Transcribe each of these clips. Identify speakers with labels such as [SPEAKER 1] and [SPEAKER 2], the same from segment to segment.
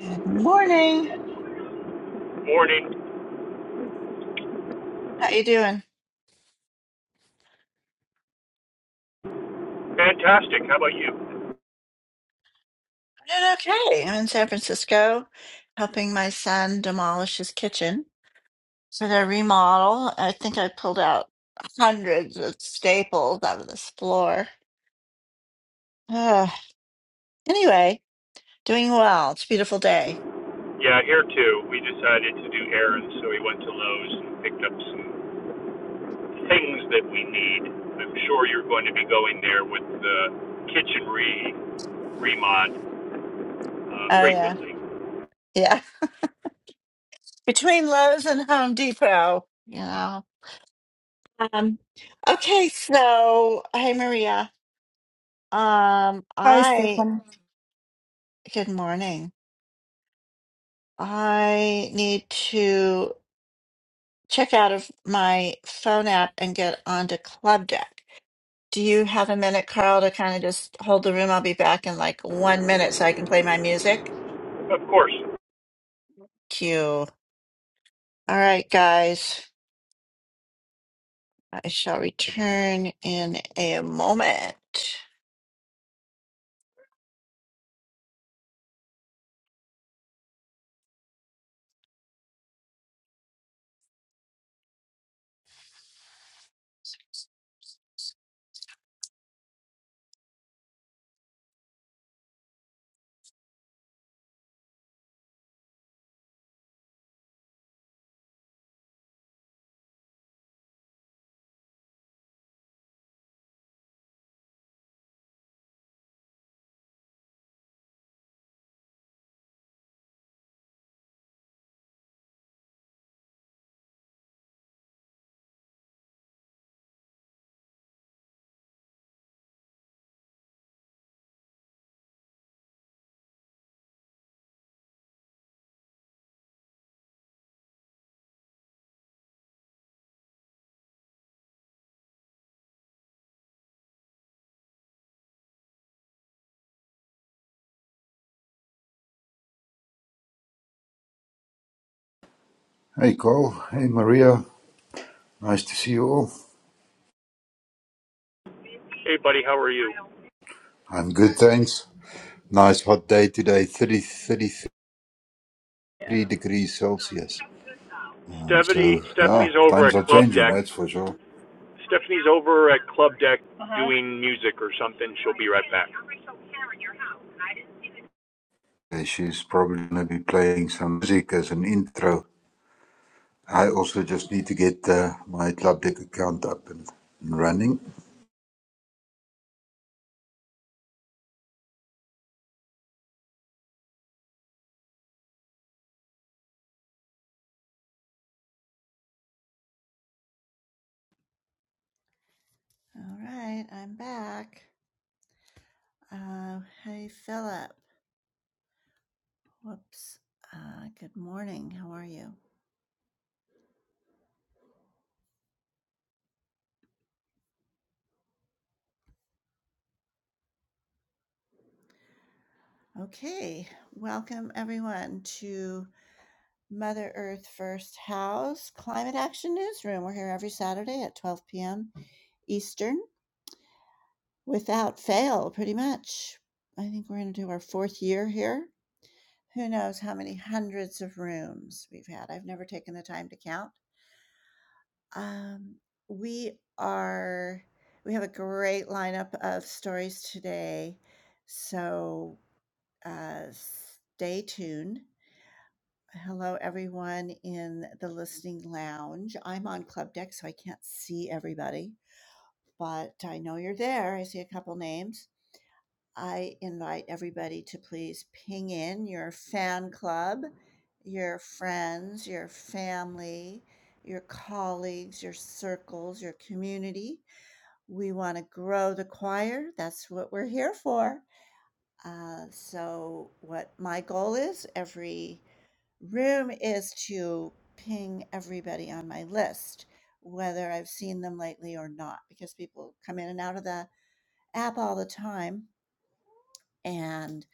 [SPEAKER 1] Good morning.
[SPEAKER 2] Morning.
[SPEAKER 1] How you doing? I'm
[SPEAKER 2] Fantastic. How about you?
[SPEAKER 1] doing okay. I'm in San Francisco helping my son demolish his kitchen for their remodel. I think I pulled out hundreds of staples out of this floor. Ugh. Anyway, doing well. It's a beautiful day.
[SPEAKER 2] Yeah, here too. We decided to do errands, so we went to Lowe's and picked up some things that we need. I'm sure you're going to be going there with the kitchen re remod uh,
[SPEAKER 1] Oh yeah.
[SPEAKER 2] frequently.
[SPEAKER 1] Yeah. Between Lowe's and Home Depot, you know. Um okay, so hey Maria. Um
[SPEAKER 3] Hi,
[SPEAKER 1] I
[SPEAKER 3] Stefan.
[SPEAKER 1] good morning. I need to. check out of my phone app and get onto Club Deck. Do you have a minute, Carl, to kind of just hold the room? I'll be back in like one minute so I can play my music.
[SPEAKER 2] Of course.
[SPEAKER 1] Cue. All right, guys. I shall return in a moment.
[SPEAKER 4] Hey, Carl. Hey, Maria. Nice to see you all.
[SPEAKER 2] Hey, buddy, how are you?
[SPEAKER 4] I'm good, thanks. Nice hot day today, 30, 33 degrees Celsius. Um,
[SPEAKER 2] Stephanie,
[SPEAKER 4] so, yeah,
[SPEAKER 2] Stephanie's over
[SPEAKER 4] times
[SPEAKER 2] at
[SPEAKER 4] are
[SPEAKER 2] Club
[SPEAKER 4] changing,
[SPEAKER 2] Deck.
[SPEAKER 4] that's for sure.
[SPEAKER 2] Stephanie's over at Club Deck doing music or something. She'll be right back.
[SPEAKER 4] Uh, She's probably going to be playing some music as an intro. I also just need to get uh, my Club Deck account up and and running.
[SPEAKER 1] All right, I'm back. Uh, hey, Philip. Whoops. Uh, good morning. How are you? Okay, welcome everyone to Mother Earth First House Climate Action Newsroom. We're here every Saturday at 12 p.m. Eastern without fail, pretty much. I think we're going to do our fourth year here. Who knows how many hundreds of rooms we've had? I've never taken the time to count. Um, we are, we have a great lineup of stories today. So uh, stay tuned. Hello, everyone in the listening lounge. I'm on Club Deck, so I can't see everybody, but I know you're there. I see a couple names. I invite everybody to please ping in your fan club, your friends, your family, your colleagues, your circles, your community. We want to grow the choir. That's what we're here for. Uh, so, what my goal is every room is to ping everybody on my list, whether I've seen them lately or not, because people come in and out of the app all the time. And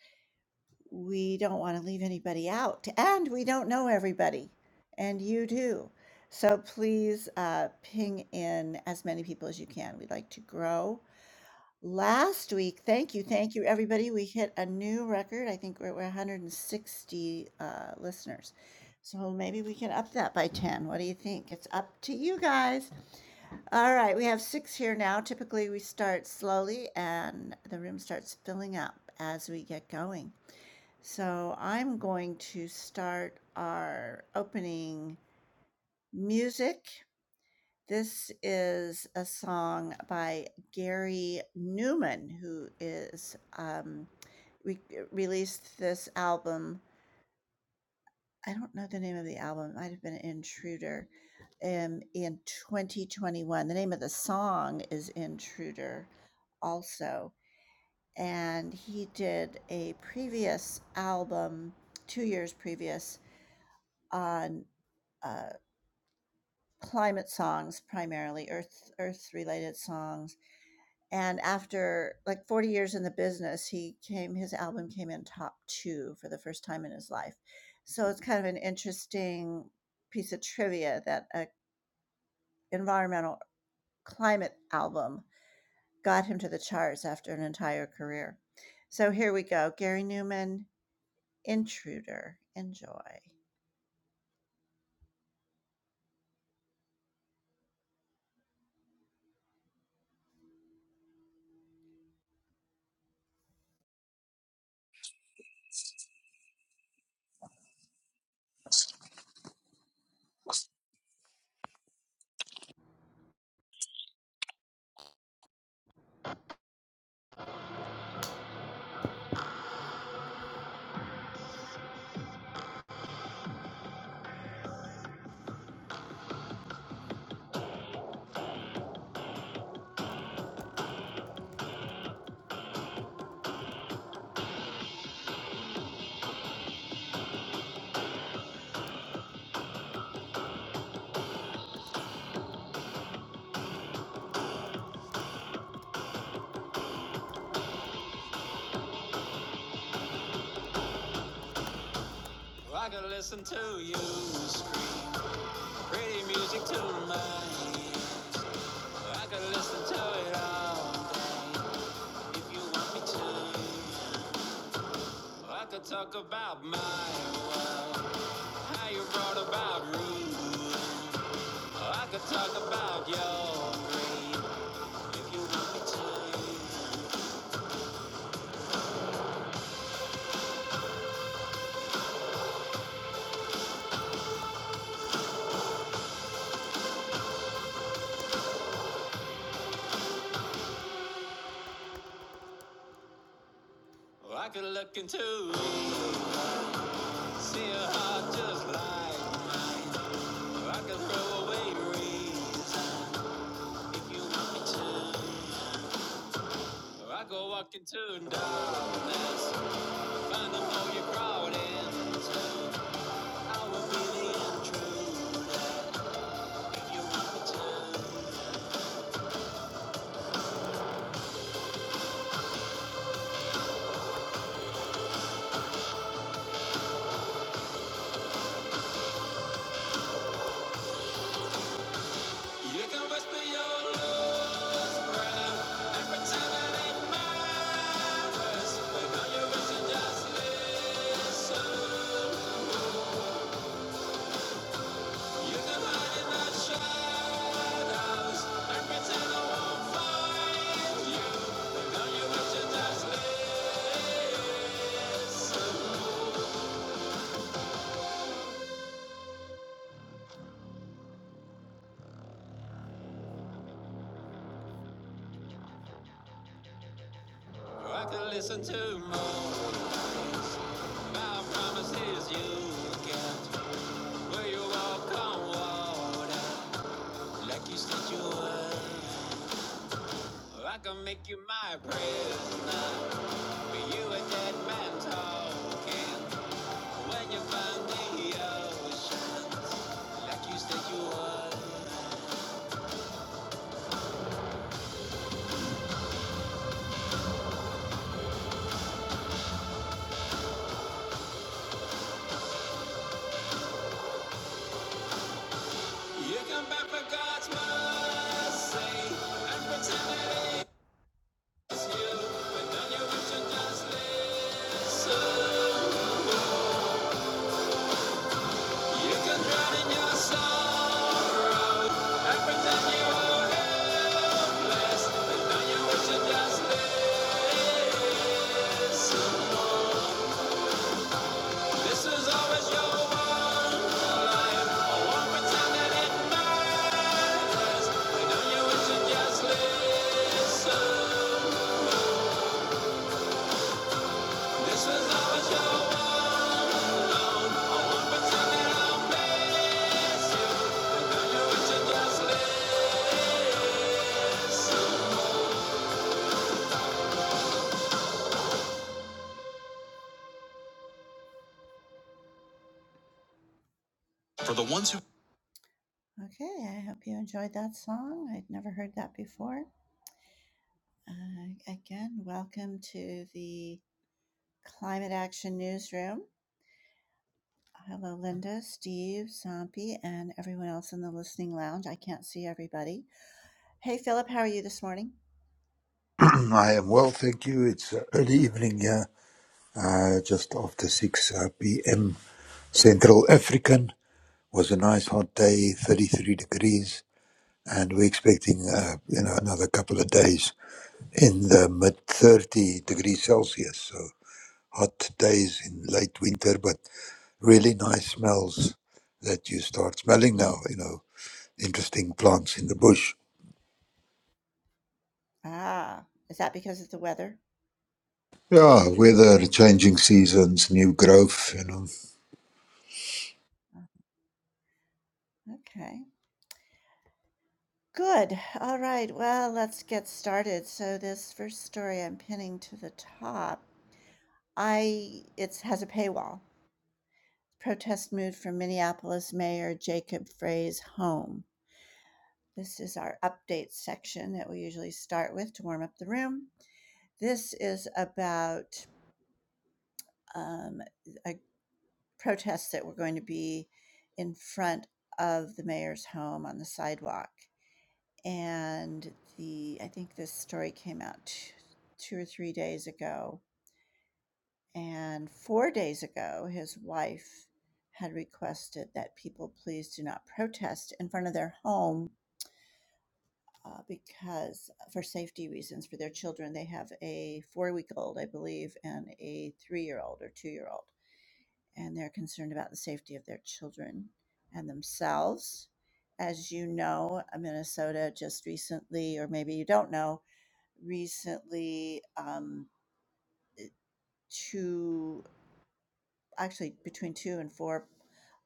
[SPEAKER 1] we don't want to leave anybody out. And we don't know everybody. And you do. So please uh, ping in as many people as you can. We'd like to grow. Last week, thank you, thank you, everybody. We hit a new record. I think we're, we're 160 uh, listeners. So maybe we can up that by 10. What do you think? It's up to you guys. All right, we have six here now. Typically, we start slowly and the room starts filling up as we get going. So I'm going to start our opening music this is a song by Gary Newman, who is, um, re uh, released this album I don't know the name of the album, it might have been Intruder, um, in 2021. The name of the song is Intruder also, and he did a previous album, 2 years previous, on, uh, climate songs primarily, earth earth-related songs and after like 40 years in the business he came his album came in top two for the first time in his life so it's kind of an interesting piece of trivia that a environmental climate album got him to the charts after an entire career so here we go gary newman intruder enjoy Well, I could listen to you scream pretty music to my ear. I could listen to it all day if you want me to. Well, I could talk about my wife, how you brought about ruin. I could talk about your greed, if you want me to. Well, I could look into it, see a heart just like mine. Well, I could throw away reason, if you want me to. Well, I could walk into darkness, find the hole you crawled into. I will be the intruder. You can whisper your love and pretend it ain't but no, you must just listen. You can hide in the shadows and pretend I won't find you, but no, you must just listen. I can listen to more. My promise is you can't. Where you walk on water like you said you would. I can make you my prisoner. But you a dead man talking. When you found the ocean like you said you would. You come back for God's mercy and pretend it is you. But then you wish you just listen. You can drown in your sorrow pretend you are helpless, and now you wish you just this. This is always your life. I won't pretend that it matters, and now you wish you just listen. This is always your one. Okay, I hope you enjoyed that song. I'd never heard that before. Uh, again, welcome to the Climate Action Newsroom. Hello, Linda, Steve, Zombie, and everyone else in the listening lounge. I can't see everybody. Hey, Philip, how are you this morning?
[SPEAKER 4] I am well, thank you. It's uh, early evening here, uh, just after 6 uh, p.m. Central African. Was a nice hot day, 33 degrees and we're expecting uh, you know another couple of days in the mid 30 degrees Celsius. So hot days in late winter, but really nice smells that you start smelling now. You know, interesting plants in the bush.
[SPEAKER 1] Ah, is that because of the weather?
[SPEAKER 4] Yeah, weather, changing seasons, new growth. You know,
[SPEAKER 1] Uh, Okay. Good. All right. Well, let's get started. So this first story I'm pinning to the top, I it has a paywall. Protest mood from Minneapolis Mayor Jacob Frey's home. This is our update section that we usually start with to warm up the room. This is about um, a protest that we're going to be in front of the mayor's home on the sidewalk. and the I think this story came out t- two or three days ago. And four days ago, his wife had requested that people please do not protest in front of their home uh, because, uh, for safety reasons, for their children. They have a four week old, I believe, and a three year old or two year old. And they're concerned about the safety of their children and themselves. As you know, uh, Minnesota just recently, or maybe you don't know, recently um, two, actually between two and four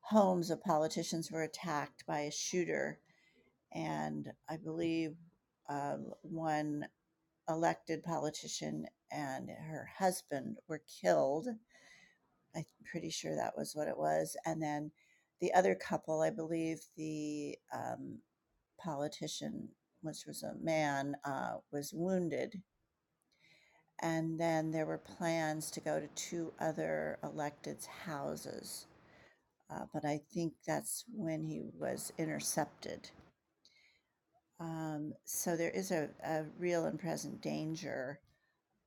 [SPEAKER 1] homes of politicians were attacked by a shooter. And I believe um, one elected politician and her husband were killed. I'm pretty sure that was what it was. And then the other couple, I believe the um, politician, which was a man, uh, was wounded And then there were plans to go to two other electeds' houses. Uh, but I think that's when he was intercepted. Um, so there is a, a real and present danger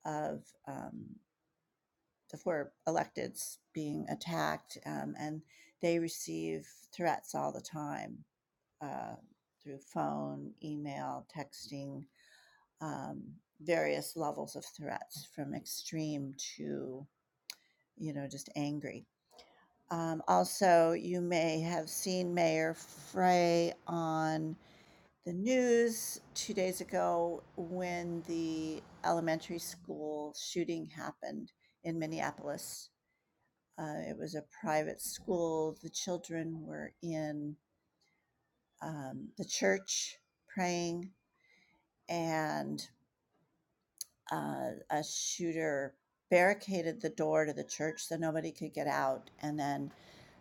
[SPEAKER 1] of um, the four electeds being attacked, um, and they receive threats all the time uh, through phone, email, texting, um, various levels of threats from extreme to, you know, just angry Um, also, you may have seen Mayor Frey on the news two days ago when the elementary school shooting happened in Minneapolis. Uh, it was a private school. The children were in um, the church praying, and uh, a shooter barricaded the door to the church so nobody could get out, and then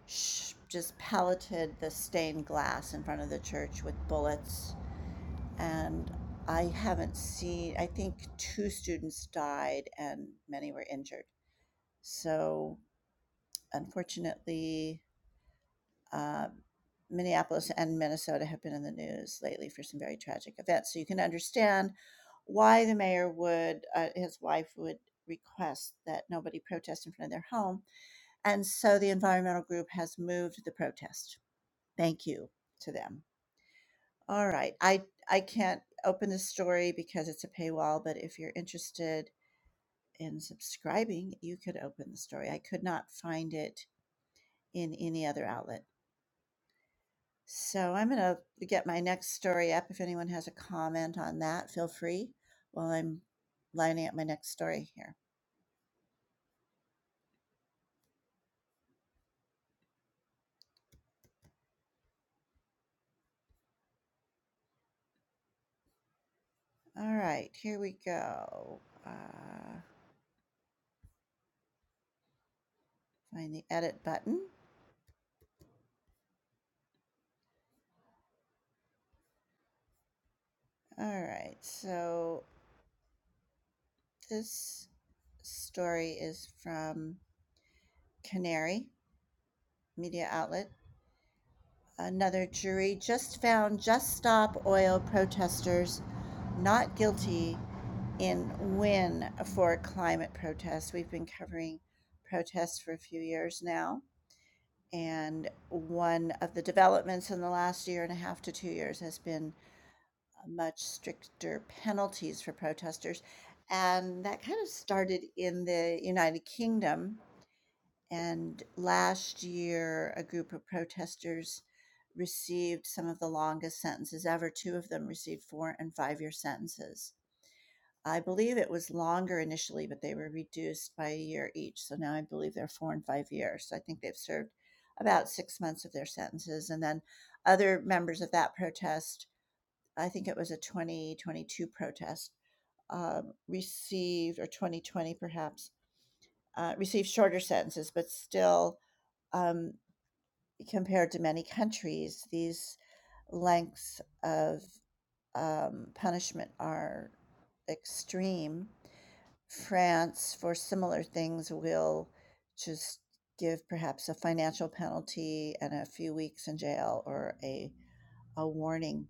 [SPEAKER 1] sh- just pelleted the stained glass in front of the church with bullets. And I haven't seen, I think two students died and many were injured. So, unfortunately, uh, Minneapolis and Minnesota have been in the news lately for some very tragic events. So you can understand why the mayor would, uh, his wife would request that nobody protest in front of their home. And so the environmental group has moved the protest. Thank you to them. All right. I, I can't open the story because it's a paywall, but if you're interested in subscribing, you could open the story. I could not find it in any other outlet. So I'm going to get my next story up. If anyone has a comment on that, feel free while I'm lining up my next story here. All right, here we go. Uh, find the edit button. All right, so this story is from Canary Media Outlet. Another jury just found Just Stop Oil protesters not guilty in when for climate protests. We've been covering protests for a few years now. And one of the developments in the last year and a half to two years has been much stricter penalties for protesters. And that kind of started in the United Kingdom. And last year, a group of protesters received some of the longest sentences ever. Two of them received four and five year sentences I believe it was longer initially, but they were reduced by a year each. So now I believe they're four and five years. So I think they've served about six months of their sentences. And then other members of that protest, I think it was a 2022 protest, um, received, or 2020 perhaps, uh, received shorter sentences, but still, um, compared to many countries, these lengths of um, punishment are extreme France for similar things will just give perhaps a financial penalty and a few weeks in jail or a, a warning.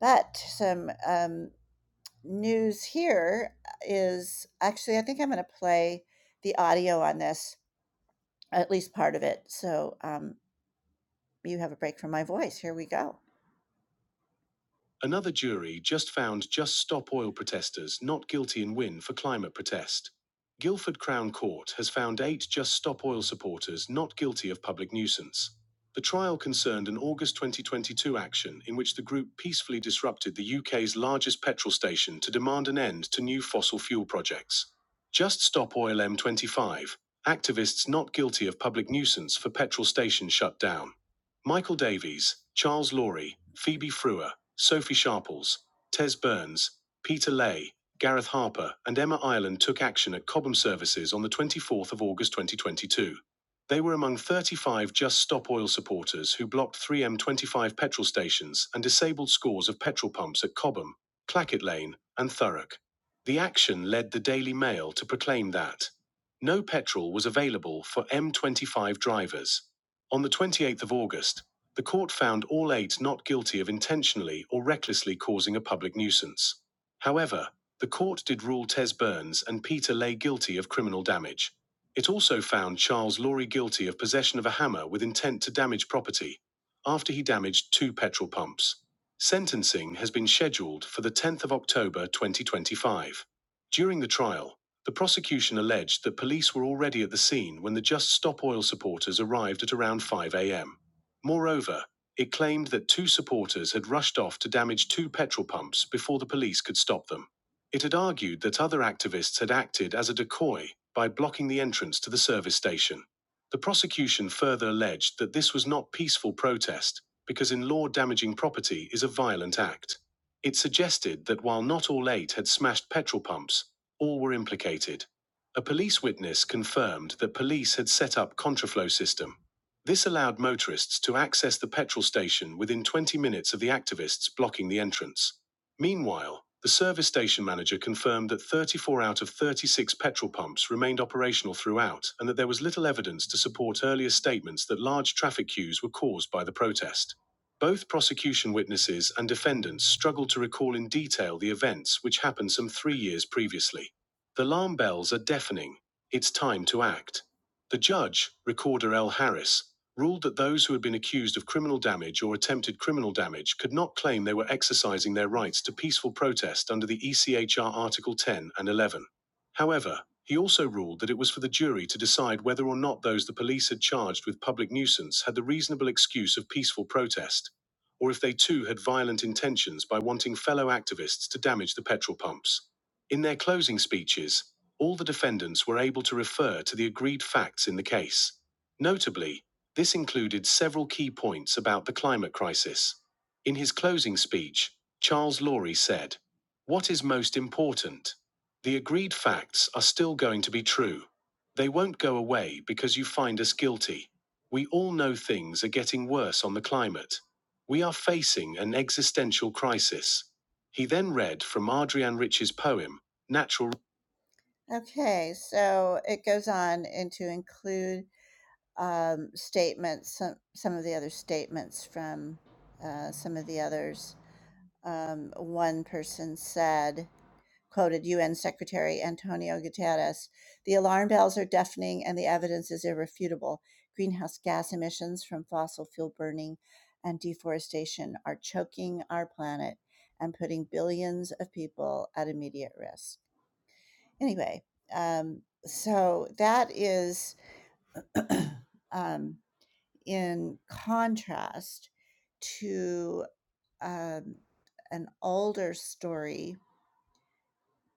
[SPEAKER 1] But some um, news here is actually, I think I'm going to play the audio on this, at least part of it. So um, you have a break from my voice. Here we go. Another jury just found Just Stop Oil protesters not guilty in win for climate protest. Guildford Crown Court has found eight Just Stop Oil supporters not guilty of public nuisance. The trial concerned an August 2022 action in which the group peacefully disrupted the UK's largest petrol station to demand an end to new fossil fuel projects. Just Stop Oil M25 Activists not guilty of public nuisance for petrol station shut down. Michael Davies, Charles Laurie, Phoebe Frewer, Sophie Sharples, Tez Burns, Peter Lay, Gareth Harper, and Emma Ireland took action at Cobham Services on the 24th of August 2022. They were among 35 Just Stop Oil supporters who blocked 3M25 petrol stations and disabled scores of petrol pumps at Cobham, Clackett Lane, and Thurrock. The action led the Daily Mail to proclaim that no petrol was available for M25 drivers. On the 28th of August, the court found all eight not guilty of intentionally or recklessly causing a public nuisance. However, the court did rule Tez Burns and Peter Lay guilty of criminal damage. It also found Charles Lorry guilty of possession of a hammer with intent to damage property after he damaged two petrol pumps. Sentencing has been scheduled for the 10th of October 2025. During the trial, the prosecution alleged that police were already at the scene when the Just Stop Oil supporters arrived at around 5 a.m. Moreover, it claimed that two supporters had rushed off to damage two petrol pumps before the police could stop them. It had argued that other activists had acted as a decoy by blocking the entrance to the service station. The prosecution further alleged that this was not peaceful protest because in law damaging property is a violent act. It suggested that while not all eight had smashed petrol pumps, all were implicated. A police witness confirmed that police had set up contraflow system. This allowed motorists to access the petrol station within 20 minutes of the activists blocking the entrance. Meanwhile, the service station manager confirmed that 34 out of 36 petrol pumps remained operational throughout and that there was little evidence to support earlier statements that large traffic queues were caused by the protest. Both prosecution witnesses and defendants struggled to recall in detail the events which happened some three years previously. The alarm bells are deafening. It's time to act. The judge, Recorder L. Harris, ruled that those who had been accused of criminal damage or attempted criminal damage could not claim they were exercising their rights to peaceful protest under the ECHR Article 10 and 11. However, he also ruled that it was for the jury to decide whether or not those the police had charged with public nuisance had the reasonable excuse of peaceful protest, or if they too had violent intentions by wanting fellow activists to damage the petrol pumps. In their closing speeches, all the defendants were able to refer to the agreed facts in the case. Notably, this included several key points about the climate crisis. In his closing speech, Charles Laurie said, What is most important? The agreed facts are still going to be true. They won't go away because you find us guilty. We all know things are getting worse on the climate. We are facing an existential crisis. He then read from Adrian Rich's poem, Natural. Okay, so it goes on into include um, statements, some, some of the other statements from uh, some of the others. Um, one person said, quoted UN Secretary Antonio Guterres. The alarm bells are deafening and the evidence is irrefutable. Greenhouse gas emissions from fossil fuel burning and deforestation are choking our planet and putting billions of people at immediate risk. Anyway, um, so that is um, in contrast to um, an older story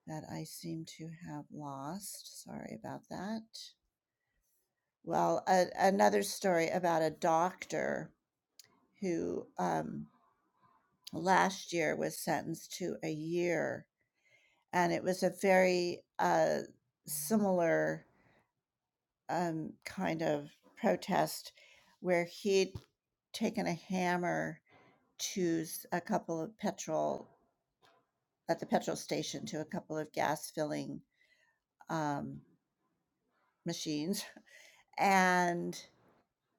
[SPEAKER 1] that I seem to have lost. Sorry about that. Well, a, another story about a doctor who um, last year was sentenced to a year, and it was a very uh, similar um, kind of protest where he'd taken a hammer to a couple of petrol at the petrol station to a couple of gas filling um, machines and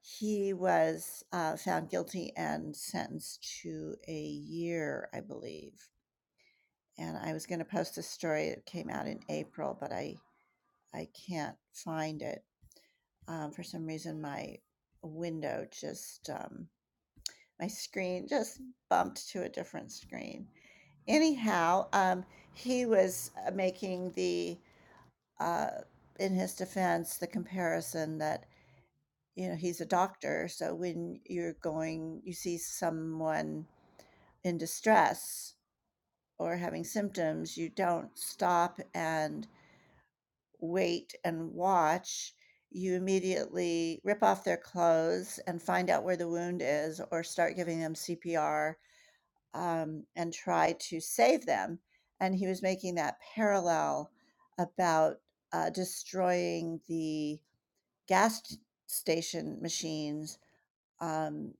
[SPEAKER 1] He was, uh, found guilty and sentenced to a year, I believe, and I was gonna post a story, that came out in April, but I I can't find it. Um, for some reason, my window just, um my screen just bumped to a different screen. Anyhow, um, he was, uh, making the, uh in his defense, the comparison that You know, he's a doctor, so when you're going you see someone in distress or having symptoms, you don't stop and wait and watch. You immediately rip off their clothes and find out where the wound is or start giving them CPR, um, and try to save them. And he was making that parallel about, uh, destroying the gas station machines, um,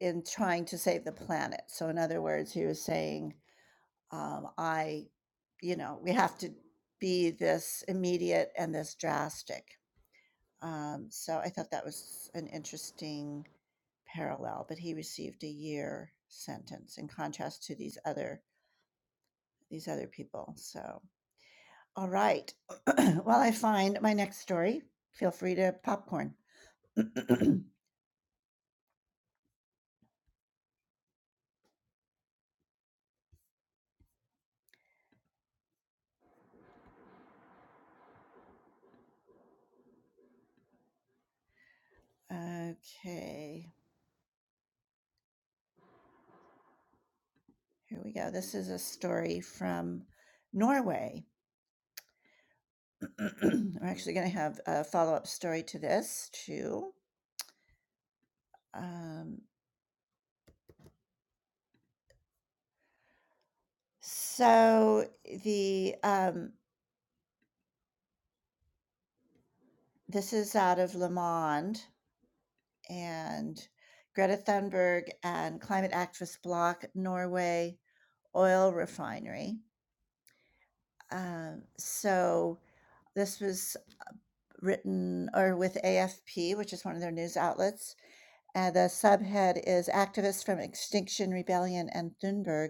[SPEAKER 1] in trying to save the planet. So, in other words, he was saying, um, I, you know, we have to be this immediate and this drastic. Um, so, I thought that was an interesting parallel, but he received a year sentence in contrast to these other these other people. So, all right. While I find my next story, feel free to popcorn. Okay, here we go. This is a story from Norway. I'm actually going to have a follow up story to this too. Um, so the um, this is out of Le Monde and Greta Thunberg and climate activist block Norway oil refinery. Um, so this was written or with AFP, which is one of their news outlets. Uh, the subhead is activists from Extinction Rebellion and Thunberg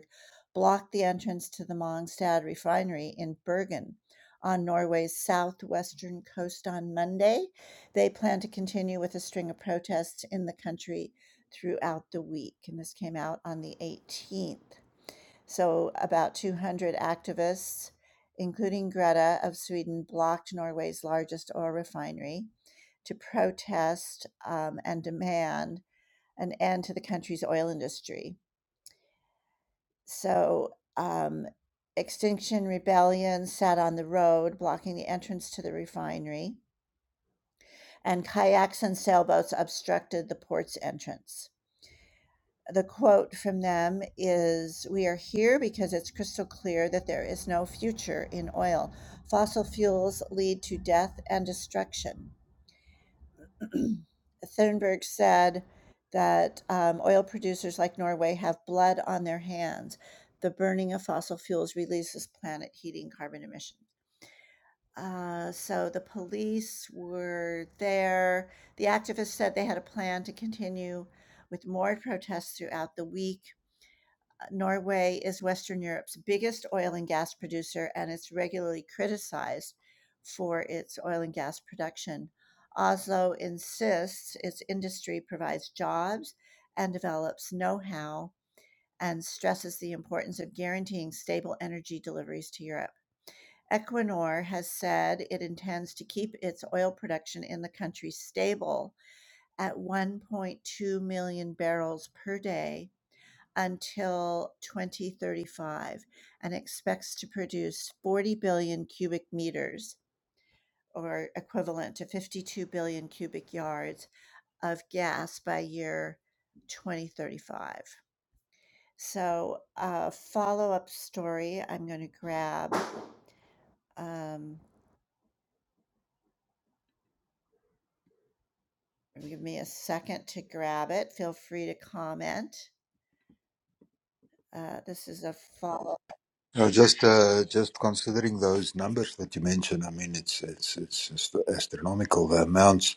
[SPEAKER 1] blocked the entrance to the Mongstad refinery in Bergen on Norway's southwestern coast on Monday. They plan to continue with a string of protests in the country throughout the week. And this came out on the 18th. So, about 200 activists, including Greta of Sweden, blocked Norway's largest oil refinery to protest um, and demand an end to the country's oil industry. So, um, Extinction Rebellion sat on the road, blocking the entrance to the refinery, and kayaks and sailboats obstructed the port's entrance. the quote from them is We are here because it's crystal clear that there is no future in oil. Fossil fuels lead to death and destruction. Thunberg said that um, oil producers like Norway have blood on their hands. The burning of fossil fuels releases planet heating carbon emissions. Uh, so the police were there. The activists said they had a plan to continue with more protests throughout the week Norway is Western Europe's biggest oil and gas producer, and it's regularly criticized for its oil and gas production. Oslo insists its industry provides jobs and develops know how and stresses the importance of guaranteeing stable energy deliveries to Europe. Equinor has said it intends to keep its oil production in the country stable at 1.2 million barrels per day until 2035 and expects to produce 40 billion cubic meters or equivalent to 52 billion cubic yards of gas by year 2035. So, a follow up story I'm going to grab. Um, give me a second to grab it. Feel free to comment. Uh, this is a follow.
[SPEAKER 4] Yeah, just uh, just considering those numbers that you mentioned. I mean, it's it's it's just astronomical the amounts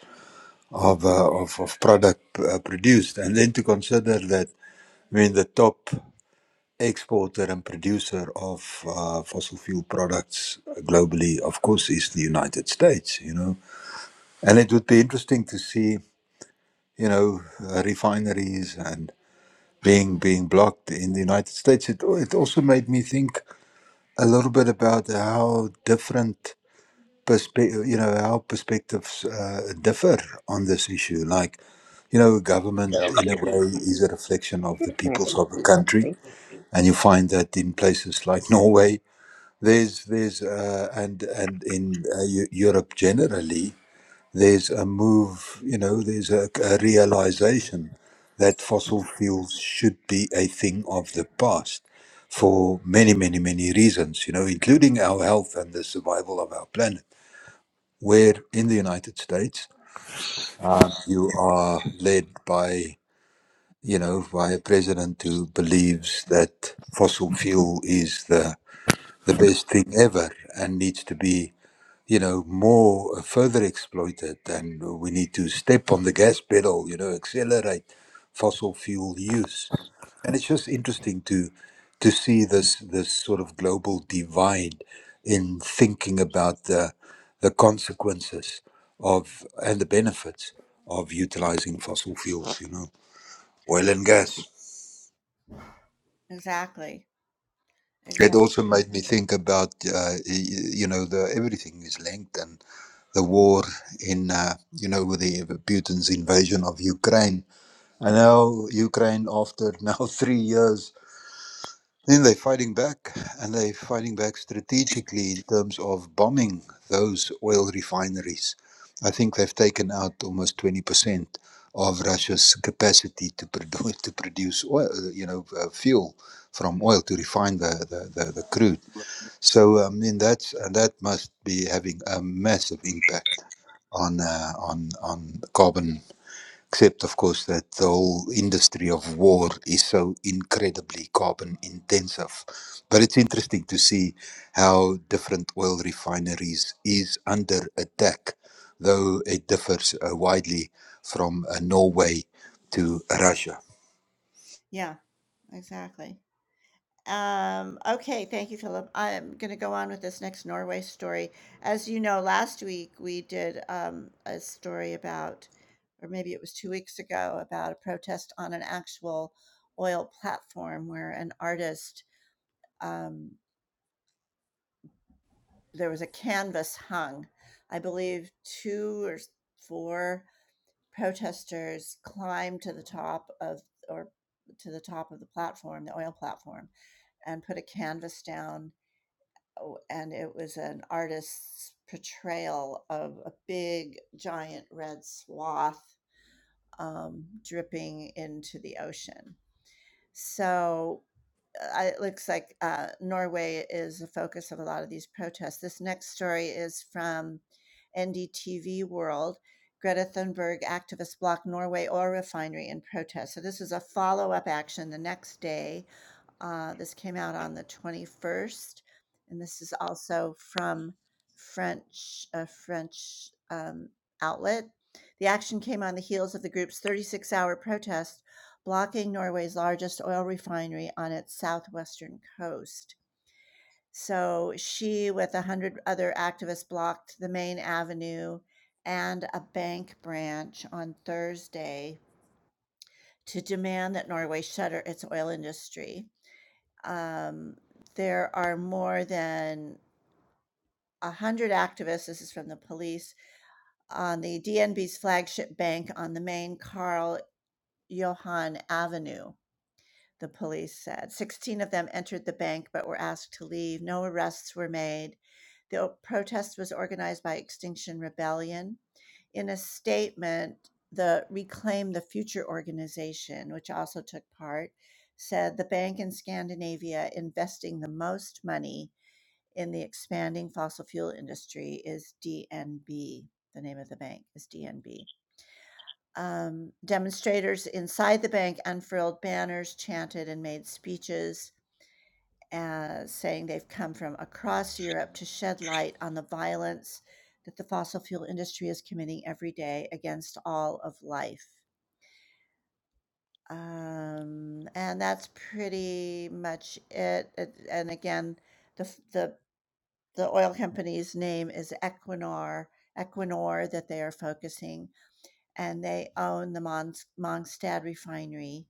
[SPEAKER 4] of uh, of, of product uh, produced, and then to consider that. I mean, the top exporter and producer of uh, fossil fuel products globally, of course, is the United States, you know. And it would be interesting to see, you know, uh, refineries and being being blocked in the United States. It, al- it also made me think a little bit about how different perspective, you know, how perspectives uh, differ on this issue. Like, you know, government
[SPEAKER 5] Yeah.
[SPEAKER 4] in a
[SPEAKER 5] Baby,
[SPEAKER 4] way is a reflection of
[SPEAKER 5] you're
[SPEAKER 4] the peoples
[SPEAKER 5] clamping
[SPEAKER 4] of the
[SPEAKER 5] my
[SPEAKER 4] country
[SPEAKER 5] jewelry.
[SPEAKER 4] and you find that in places like Norway, there's there's uh, and and in uh, Eu- Europe generally, there's a move. You know, there's a, a realization that fossil fuels should be a thing of the past for many, many, many reasons. You know, including our health and the survival of our planet. Where in the United States, um, you are led by you know by a president who believes that fossil fuel is the the best thing ever and needs to be you know more uh, further exploited and we need to step on the gas pedal you know accelerate fossil fuel use and it's just interesting to to see this this sort of global divide in thinking about the the consequences of and the benefits of utilizing fossil fuels you know oil and gas
[SPEAKER 1] Exactly.
[SPEAKER 4] it
[SPEAKER 1] Exactly.
[SPEAKER 4] also made me think about uh, y- you know the everything is linked and. the war in, uh, you know, with the Putin's invasion of Ukraine. And now Ukraine, after now three years, then they're fighting back, and they're fighting back strategically in terms of bombing those oil refineries. I think they've taken out almost twenty percent of Russia's capacity to produce to produce oil, you know, uh, fuel from oil to refine the the, the, the crude. So I mean that's uh, that must be having a massive impact on uh, on on carbon. Except of course that the whole industry of war is so incredibly carbon intensive. But it's interesting to see how different oil refineries is under attack, though it differs uh, widely from uh, Norway to Russia.
[SPEAKER 1] Yeah, exactly. Um, okay, thank you, Philip. I'm going to go on with this next Norway story. As you know, last week we did um, a story about, or maybe it was two weeks ago, about a protest on an actual oil platform where an artist, um, there was a canvas hung. I believe two or four protesters climbed to the top of, or to the top of the platform, the oil platform, and put a canvas down Oh, and it was an artist's portrayal of a big, giant red swath um, dripping into the ocean. So uh, it looks like uh, Norway is the focus of a lot of these protests. This next story is from NDTV World. Greta Thunberg activists block Norway oil refinery in protest. So, this is a follow up action the next day uh, this came out on the 21st, and this is also from French a French um, outlet. The action came on the heels of the group's 36-hour protest blocking Norway's largest oil refinery on its southwestern coast. So she, with a hundred other activists, blocked the main avenue and a bank branch on Thursday to demand that Norway shutter its oil industry. Um, there are more than 100 activists, this is from the police, on the DNB's flagship bank on the main Carl Johan Avenue, the police said. 16 of them entered the bank but were asked to leave. No arrests were made. The protest was organized by Extinction Rebellion. In a statement, the Reclaim the Future organization, which also took part, said the bank in Scandinavia investing the most money in the expanding fossil fuel industry is DNB. The name of the bank is DNB. Um, demonstrators inside the bank unfurled banners, chanted, and made speeches uh, saying they've come from across Europe to shed light on the violence that the fossil fuel industry is committing every day against all of life. Um, and that's pretty much it. And again, the, the the oil company's name is Equinor, Equinor that they are focusing, and they own the Mons- Mongstad refinery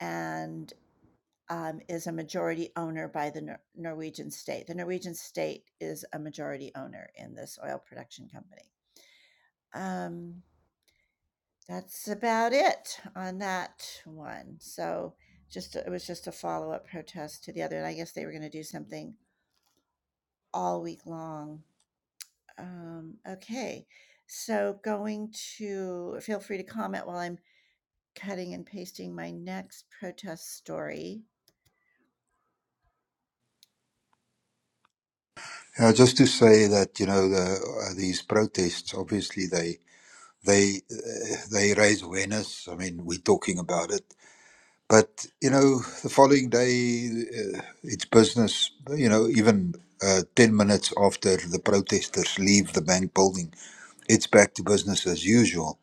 [SPEAKER 1] and um, is a majority owner by the Nor- Norwegian state. The Norwegian state is a majority owner in this oil production company. Um, that's about it on that one. So just it was just a follow up protest to the other, and I guess they were going to do something all week long Um, okay, so going to feel free to comment while I'm cutting and pasting my next protest story.
[SPEAKER 4] Uh, just to say that you know the, uh, these protests obviously they They uh, they raise awareness. I mean, we're talking about it, but you know, the following day, uh, it's business. You know, even uh, ten minutes after the protesters leave the bank building, it's back to business as usual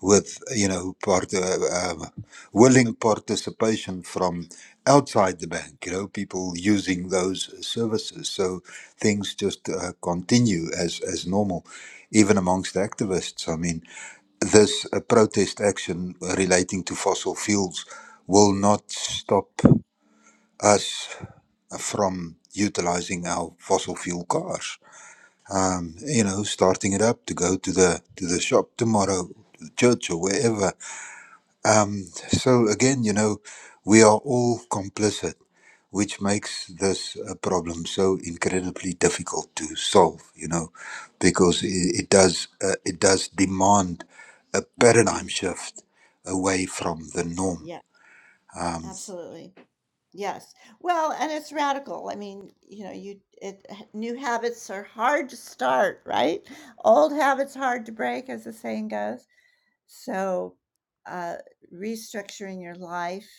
[SPEAKER 4] with you know part, uh, uh, willing participation from outside the bank you know people using those services so things just uh, continue as as normal even amongst activists i mean this uh, protest action relating to fossil fuels will not stop us from utilizing our fossil fuel cars. Um, you know, starting it up to go to the to the shop tomorrow, to the church or wherever. Um, so again, you know, we are all complicit, which makes this uh, problem so incredibly difficult to solve. You know, because it, it does uh, it does demand a paradigm shift away from the norm.
[SPEAKER 1] Yeah,
[SPEAKER 4] Um,
[SPEAKER 1] absolutely. Yes. Well, and it's radical. I mean, you know, you it new habits are hard to start, right? Old habits hard to break, as the saying goes. So, uh, restructuring your life,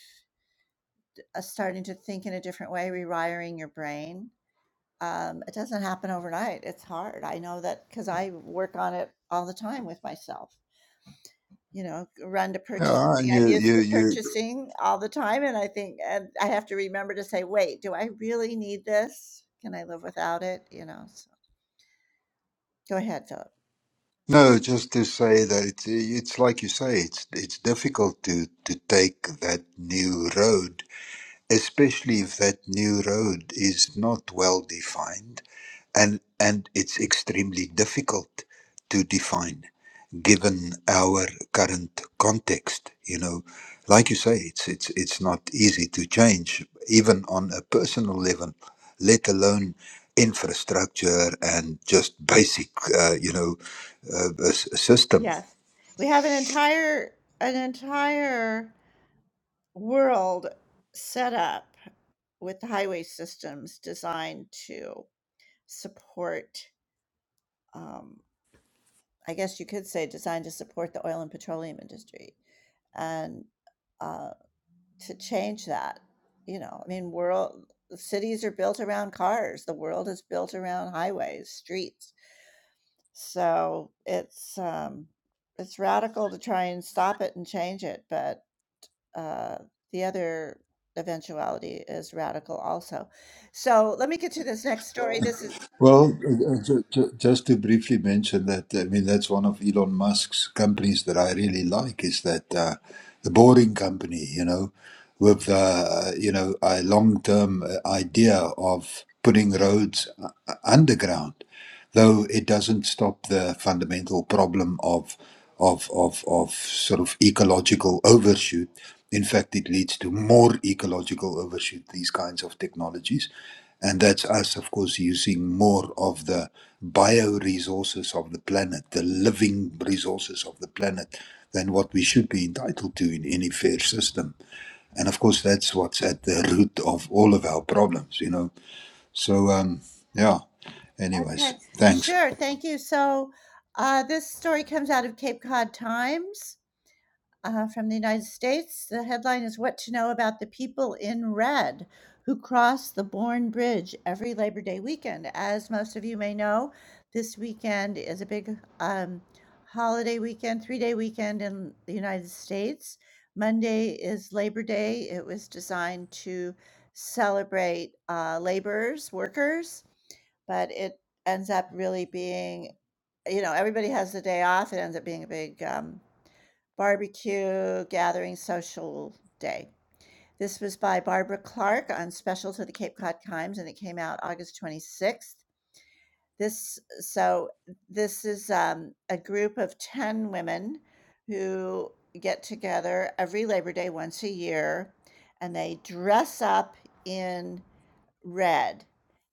[SPEAKER 1] uh, starting to think in a different way, rewiring your brain. Um, it doesn't happen overnight. It's hard. I know that because I work on it all the time with myself you know, run to purchase
[SPEAKER 4] yeah, and
[SPEAKER 1] something I'm
[SPEAKER 4] you
[SPEAKER 1] used
[SPEAKER 4] you
[SPEAKER 1] to
[SPEAKER 4] you.
[SPEAKER 1] purchasing all the time, and I think and I have to remember to say, "Wait, do I really need this? Can I live without it?" You know, so go ahead, Philip.
[SPEAKER 4] No, just to say that it's, it's like you say, it's it's difficult to to take that new road especially if that new road is not well defined and and it's extremely difficult to define given our current context you know like you say it's it's it's not easy to change even on a personal level let alone infrastructure and just basic uh, you know uh, s- system
[SPEAKER 1] Yes. We have an entire an entire world set up with the highway systems designed to support, um, I guess you could say, designed to support the oil and petroleum industry. And uh, to change that, you know, I mean, world cities are built around cars, the world is built around highways, streets. So it's um, it's radical to try and stop it and change it, but uh, the other eventuality is radical also. So let me get to this next story. This is
[SPEAKER 4] Well, uh, uh, ju- ju- just to briefly mention that, I mean, that's one of Elon Musk's companies that I really like is that uh, the Boring Company, you know, with, uh, you know, a long-term uh, idea of putting roads uh, uh, underground though it doesn't stop the fundamental problem of of of of sort of ecological overshoot. In fact, it leads to more ecological overshoot. These kinds of technologies, and that's us, of course, using more of the bioresources of the planet, the living resources of the planet, than what we should be entitled to in any fair system. And of course, that's what's at the root of all of our problems. You know, so um, yeah. Anyways,
[SPEAKER 1] okay.
[SPEAKER 4] thanks.
[SPEAKER 1] Sure, thank you. So uh, this story comes out of Cape Cod Times. uh, from the United States. The headline is What to Know About the People in Red Who Cross the Bourne Bridge Every Labor Day Weekend. As most of you may know, this weekend is a big um, holiday weekend, three day weekend in the United States. Monday is Labor Day. It was designed to celebrate uh, laborers, workers, but it ends up really being, you know, everybody has the day off. It ends up being a big um, Barbecue Gathering Social Day. This was by Barbara Clark on special to the Cape Cod Times, and it came out August 26th. This so this is um, a group of 10 women who get together every Labor Day once a year, and they dress up in red,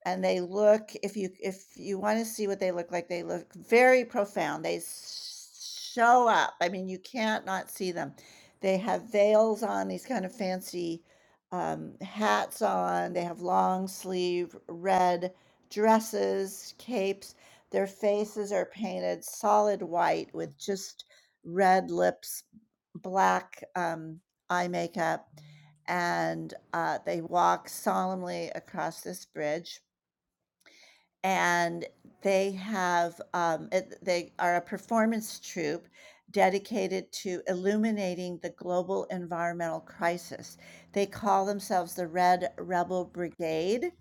[SPEAKER 1] and they look if you if you want to see what they look like, they look very profound. They s- show up. I mean, you can't not see them. They have veils on, these kind of fancy um, hats on. They have long sleeve red dresses, capes. Their faces are painted solid white with just red lips, black um, eye makeup and uh, they walk solemnly across this bridge. And they have, um, it- they are a performance troupe dedicated to illuminating the global environmental crisis. They call themselves the Red Rebel Brigade,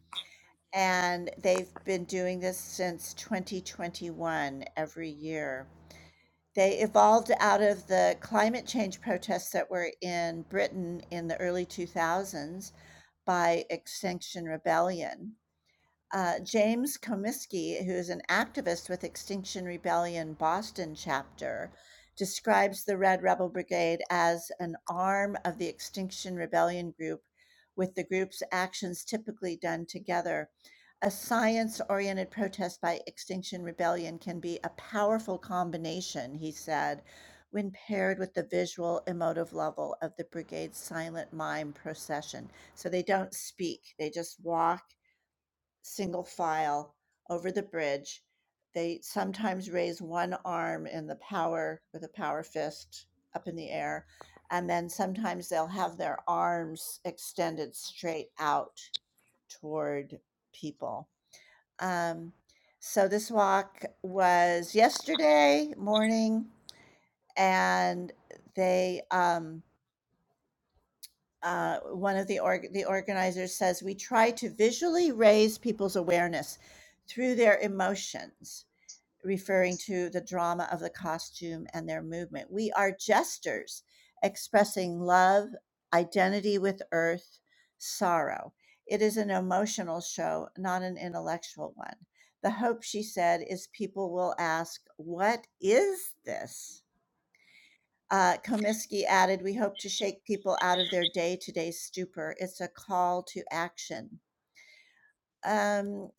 [SPEAKER 1] and they've been doing this since 2021 every year. They evolved out of the climate change protests that were in Britain in the early 2000s by Extinction Rebellion. Uh, James Komisky, who is an activist with Extinction Rebellion Boston chapter, describes the Red Rebel Brigade as an arm of the Extinction Rebellion group, with the group's actions typically done together. A science oriented protest by Extinction Rebellion can be a powerful combination, he said, when paired with the visual emotive level of the brigade's silent mime procession. So they don't speak, they just walk single file over the bridge. They sometimes raise one arm in the power with a power fist up in the air, and then sometimes they'll have their arms extended straight out toward people. Um, so this walk was yesterday morning, and they um, uh, one of the org- the organizers says we try to visually raise people's awareness through their emotions referring to the drama of the costume and their movement we are jesters expressing love identity with earth sorrow it is an emotional show not an intellectual one the hope she said is people will ask what is this uh, Komisky added, We hope to shake people out of their day to day stupor. It's a call to action. Um,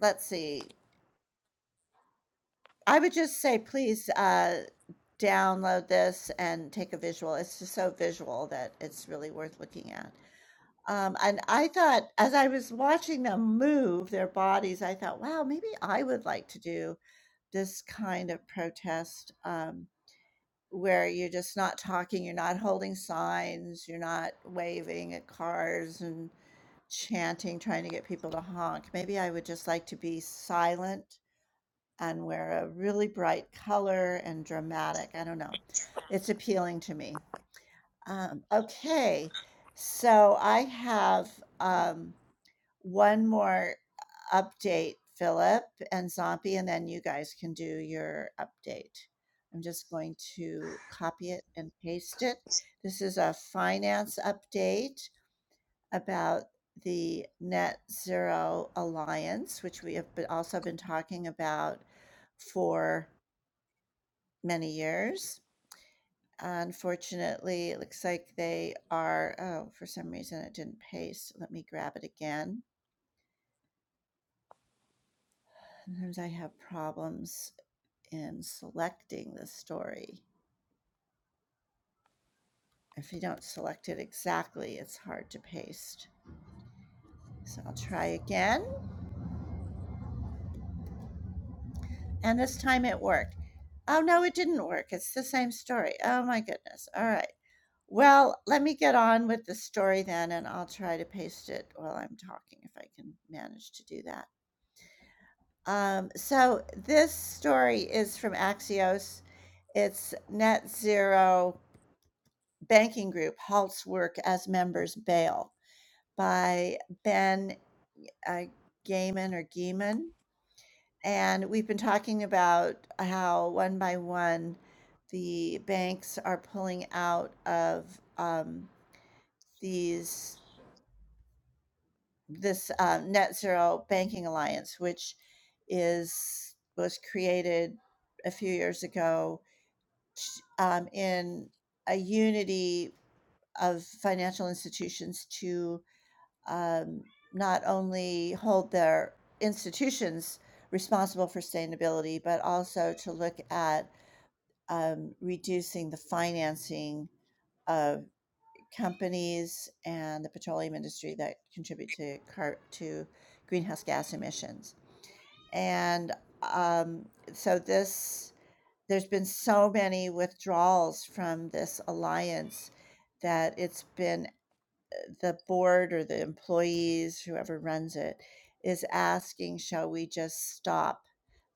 [SPEAKER 1] let's see. I would just say, please uh, download this and take a visual. It's just so visual that it's really worth looking at. Um, and I thought, as I was watching them move their bodies, I thought, wow, maybe I would like to do this kind of protest. Um, Where you're just not talking, you're not holding signs, you're not waving at cars and chanting, trying to get people to honk. Maybe I would just like to be silent and wear a really bright color and dramatic. I don't know. It's appealing to me. Um, okay. So I have um, one more update, Philip and Zombie, and then you guys can do your update. I'm just going to copy it and paste it. This is a finance update about the Net Zero Alliance, which we have been- also been talking about for many years. Unfortunately, it looks like they are, oh, for some reason it didn't paste. Let me grab it again. Sometimes I have problems in selecting the story. If you don't select it exactly, it's hard to paste. So I'll try again. And this time it worked. Oh, no, it didn't work. It's the same story. Oh, my goodness. All right. Well, let me get on with the story then, and I'll try to paste it while I'm talking if I can manage to do that. Um, so, this story is from Axios. It's Net Zero Banking Group halts work as members bail. by Ben uh, Gaiman or Gaiman. And we've been talking about how one by one the banks are pulling out of um, these this uh, net zero banking alliance, which is was created a few years ago um, in a unity of financial institutions to um, not only hold their institutions responsible for sustainability, but also to look at um, reducing the financing of companies and the petroleum industry that contribute to car- to greenhouse gas emissions. And um, so this there's been so many withdrawals from this alliance that it's been the board or the employees, whoever runs it, is asking, shall we just stop?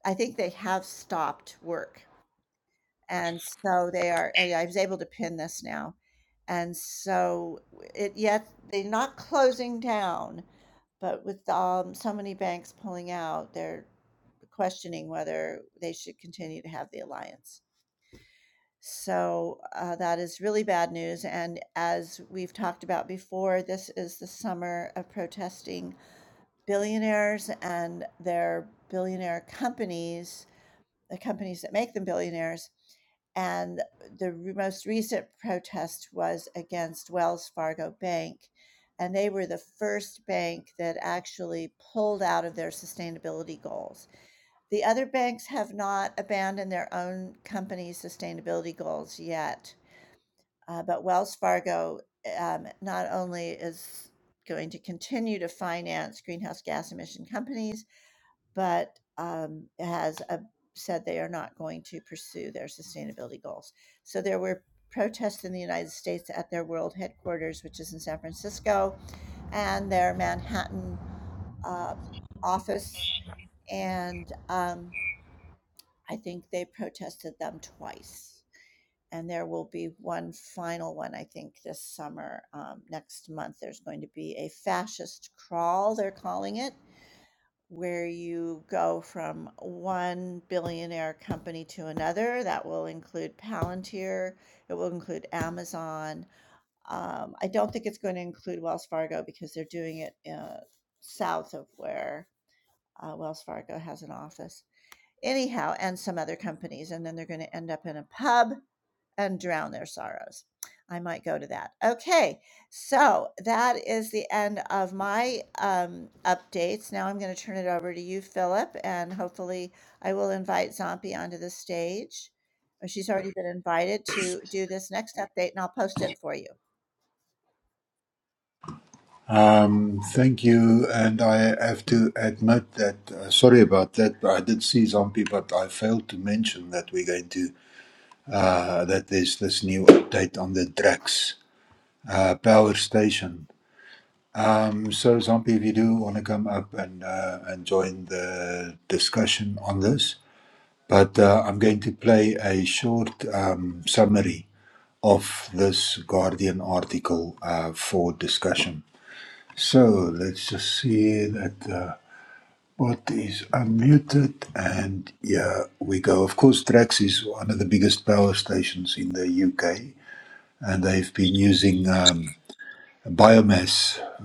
[SPEAKER 1] I think they have stopped work. And so they are, I was able to pin this now. And so it, yet they're not closing down, but with um, so many banks pulling out, they're questioning whether they should continue to have the alliance. So, uh, that is really bad news. And as we've talked about before, this is the summer of protesting billionaires and their billionaire companies, the companies that make them billionaires. And the re- most recent protest was against Wells Fargo Bank. And they were the first bank that actually pulled out of their sustainability goals. The other banks have not abandoned their own company's sustainability goals yet. Uh, but Wells Fargo um, not only is going to continue to finance greenhouse gas emission companies, but um, has uh, said they are not going to pursue their sustainability goals. So there were protests in the United States at their world headquarters, which is in San Francisco, and their Manhattan uh, office. And um, I think they protested them twice and there will be one final one i think this summer um, next month there's going to be a fascist crawl they're calling it where you go from one billionaire company to another that will include palantir it will include amazon um, i don't think it's going to include wells fargo because they're doing it uh, south of where uh, wells fargo has an office anyhow, and some other companies. And then they're going to end up in a pub and drown their sorrows. I might go to that. Okay, so that is the end of my um, updates. Now I'm going to turn it over to you, Philip, and hopefully I will invite Zombie onto the stage. Or She's already been invited to do this next update, and I'll post it for you.
[SPEAKER 4] Um, thank you, and I have to admit that uh, sorry about that. I did see Zombie, but I failed to mention that we're going to uh, that there's this new update on the Drax uh, power station. Um, so Zombie, if you do want to come up and uh, and join the discussion on this, but uh, I'm going to play a short um, summary of this Guardian article uh, for discussion. So let's just see that. Uh, What is unmuted, and yeah, we go. Of course, Drax is one of the biggest power stations in the UK, and they've been using um, biomass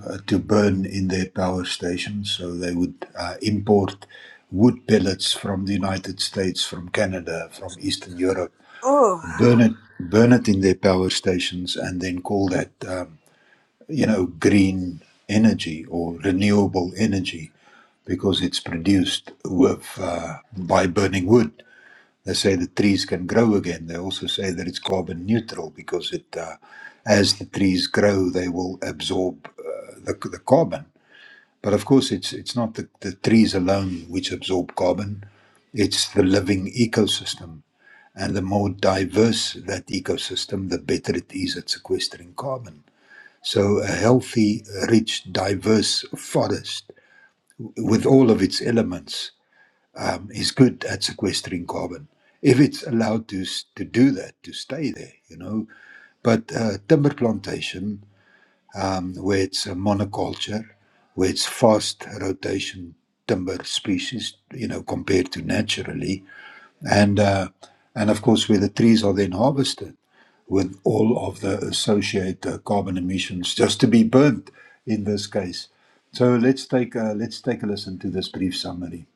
[SPEAKER 4] uh, to burn in their power stations. So they would uh, import wood pellets from the United States, from Canada, from Eastern Europe,
[SPEAKER 5] Oh,
[SPEAKER 4] burn it, burn it in their power stations, and then call that um, you know green energy or renewable energy because it's produced with uh, by burning wood. They say the trees can grow again. They also say that it's carbon neutral because it, uh, as the trees grow, they will absorb uh, the, the carbon. But of course, it's it's not the, the trees alone which absorb carbon; it's the living ecosystem. And the more diverse that ecosystem, the better it is at sequestering carbon. So a healthy, rich, diverse forest with all of its elements um, is good at sequestering carbon if it's allowed to s- to do that to stay there you know but uh, timber plantation um, where it's a monoculture where it's fast rotation timber species you know compared to naturally and uh, and of course where the trees are then harvested with all of the associated uh, carbon emissions just to be burnt in this case so let's take a, let's take a listen to this brief summary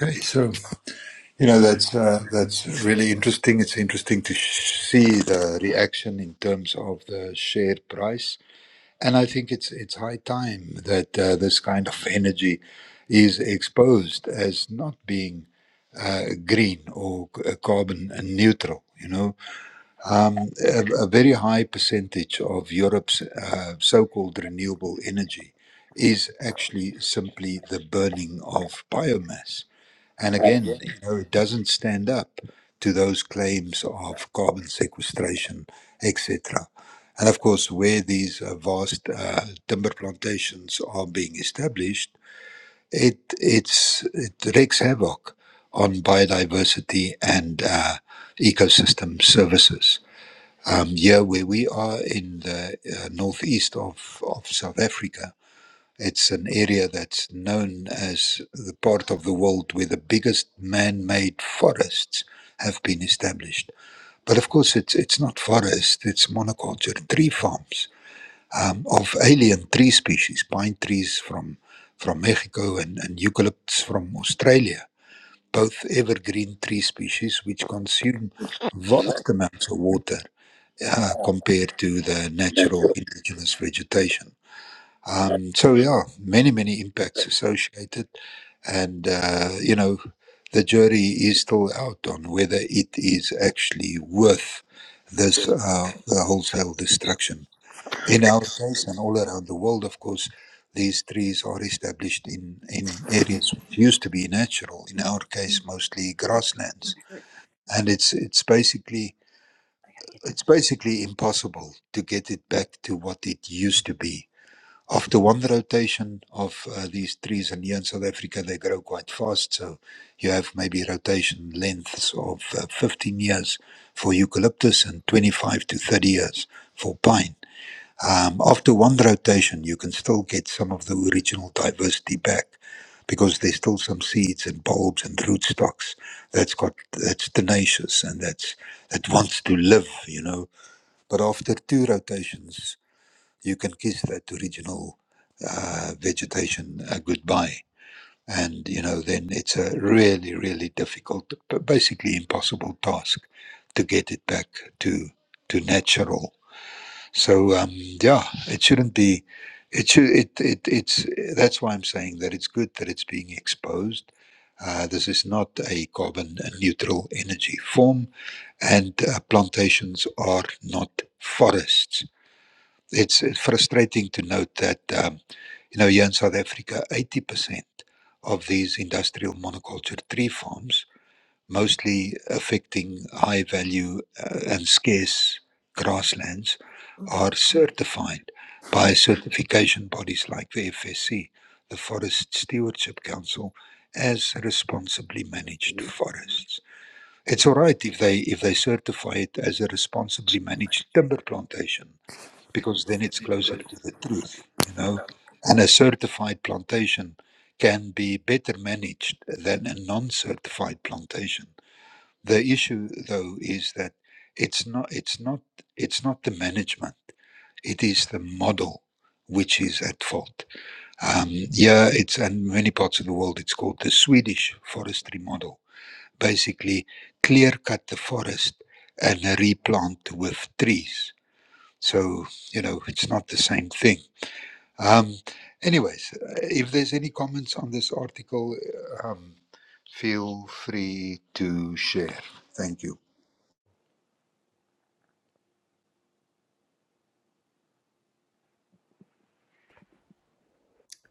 [SPEAKER 4] Okay, so You know, that's uh, that's really interesting. It's interesting to sh- see the reaction in terms of the share price, and I think it's it's high time that uh, this kind of energy is exposed as not being uh, green or c- uh, carbon neutral. You know, um, a, a very high percentage of Europe's uh, so-called renewable energy is actually simply the burning of biomass and again, you know, it doesn't stand up to those claims of carbon sequestration, etc. And of course, where these uh, vast uh, timber plantations are being established, it it's it wreaks havoc on biodiversity and uh, ecosystem services. Um, here, where we are in the uh, northeast of, of South Africa, it's an area that's known as the part of the world where the biggest man-made forests have been established. But of course, it's it's not forest; it's monoculture tree farms um, of alien tree species, pine trees from from Mexico and, and eucalypts from Australia, both evergreen tree species which consume vast amounts of water uh, compared to the natural indigenous vegetation. Um, so yeah, many many impacts associated, and uh, you know, the jury is still out on whether it is actually worth this uh, the wholesale destruction. In our case, and all around the world, of course, these trees are established in in areas which used to be natural. In our case, mostly grasslands, and it's it's basically it's basically impossible to get it back to what it used to be after one rotation of uh, these trees, and here in South Africa they grow quite fast, so you have maybe rotation lengths of uh, 15 years for eucalyptus and 25 to 30 years for pine. Um, after one rotation, you can still get some of the original diversity back because there's still some seeds and bulbs and rootstocks that's got that's tenacious and that's that wants to live, you know. But after two rotations, you can kiss that original uh, vegetation uh, goodbye. And you know, then it's a really, really difficult, b- basically impossible task to get it back to to natural. So um, yeah, it shouldn't be. It should. It, it it's that's why I'm saying that it's good that it's being exposed. Uh, this is not a carbon neutral energy form, and uh, plantations are not forests it's uh, frustrating to note that, um, you know, here in South Africa, 80% of these industrial monoculture tree farms, mostly affecting high value uh, and scarce grasslands, are certified by certification bodies like the FSC, the Forest Stewardship Council, as responsibly managed forests. It's all right if they if they certify it as a responsibly managed timber plantation because then it's closer to the truth, you know. And a certified plantation can be better managed than a non-certified plantation. The issue though is that it's not it's not it's not the management, it is the model which is at fault. Um, yeah, it's and many parts of the world it's called the Swedish forestry model. Basically clear cut the forest and replant with trees. So, you know, it's not the same thing um, anyways, uh, if there's any comments on this article, uh, um, feel free to share. Thank you.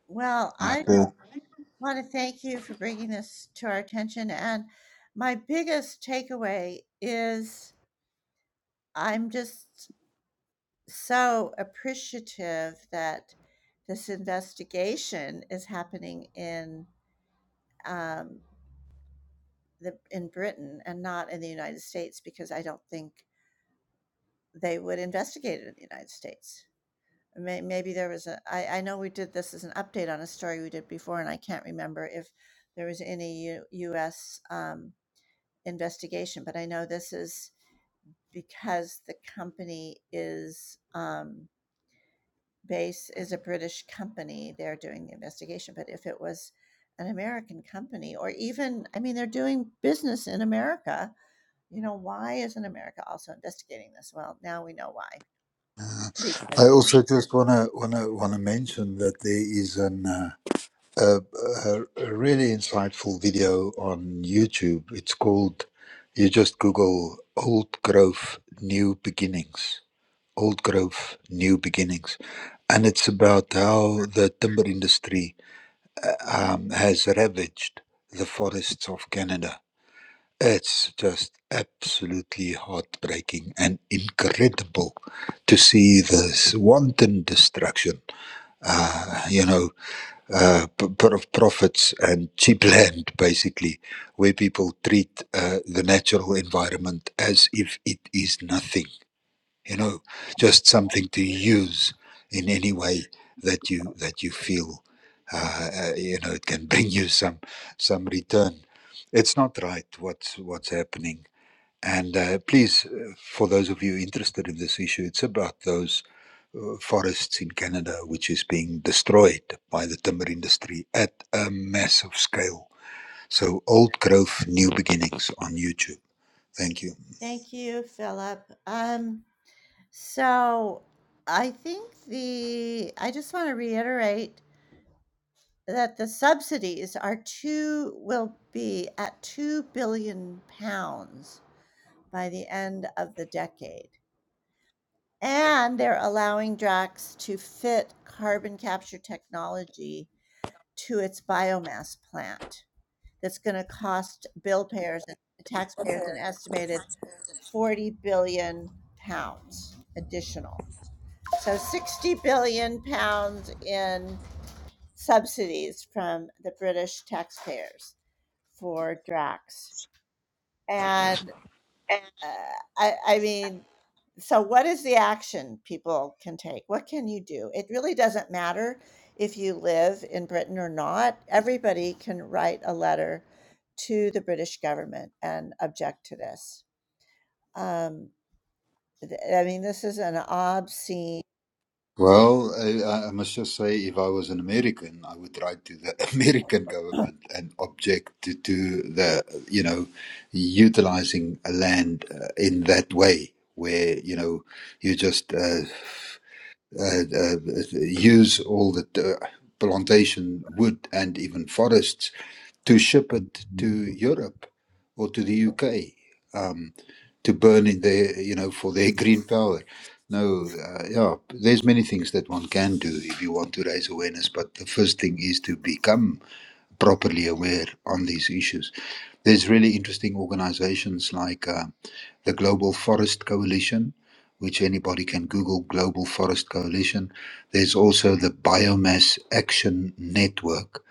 [SPEAKER 1] Well,
[SPEAKER 4] Right,
[SPEAKER 1] I
[SPEAKER 4] uh,
[SPEAKER 1] I want to thank you for bringing this to our attention. And my biggest takeaway is I'm just so appreciative that this investigation is happening in um, the in Britain and not in the United States because I don't think they would investigate it in the United States. May, maybe there was a. I, I know we did this as an update on a story we did before, and I can't remember if there was any U, U.S. Um, investigation, but I know this is because the company is um, base is a British company. They're doing the investigation, but if it was an American company, or even I mean, they're doing business in America. You know, why isn't America also investigating this? Well, now we know why because of
[SPEAKER 4] I
[SPEAKER 1] the
[SPEAKER 4] also just wanna wanna wanna mention that there is an uh, a, a a really insightful video on YouTube. It's called you just Google Old Growth New Beginnings. Old Growth New Beginnings, and it's about how the timber industry uh, um, has ravaged the forests of Canada. It's just absolutely heartbreaking and incredible to see this wanton destruction, uh, you know, uh, p- p- of profits and cheap land, basically, where people treat uh, the natural environment as if it is nothing you know just something to
[SPEAKER 1] computer.
[SPEAKER 4] use in any way that you that you feel uh, uh, you know it can bring you some some return it's not right what's what's happening and uh, please uh, for those of you interested in this issue it's about those uh, forests in canada which is being destroyed by the timber industry at a massive scale so old growth new beginnings on youtube thank you
[SPEAKER 1] Thank you, Philip. Um, so I think the I just want to reiterate that the subsidies are two will be at two billion pounds by the end of the decade. And they're allowing Drax to fit carbon capture technology to its biomass plant. That's going to cost bill payers and taxpayers an estimated 40 billion pounds additional. So 60 billion pounds in subsidies from the British taxpayers for Drax. And uh, I, I mean, so what is the action people can take? What can you do? It really doesn't matter if you live in Britain or not. Everybody can write a letter to the British government and object to this. Um, th- I mean, this is an obscene.
[SPEAKER 4] Well, I, I must just say, if I was an American, I would write to the American government and object to, to the, you know, utilizing land uh, in that way, where you know you just uh, uh, uh, use all the uh, plantation wood and even forests to ship it to Europe or to the UK um, to burn in their, you know, for their green power. No, uh, yeah, there's many things that one can do if you want to raise awareness, but the first thing is to become properly aware on these issues. There's really interesting organizations like uh, the Global Forest Coalition, which anybody can Google Global Forest Coalition. There's also the Biomass Action Network.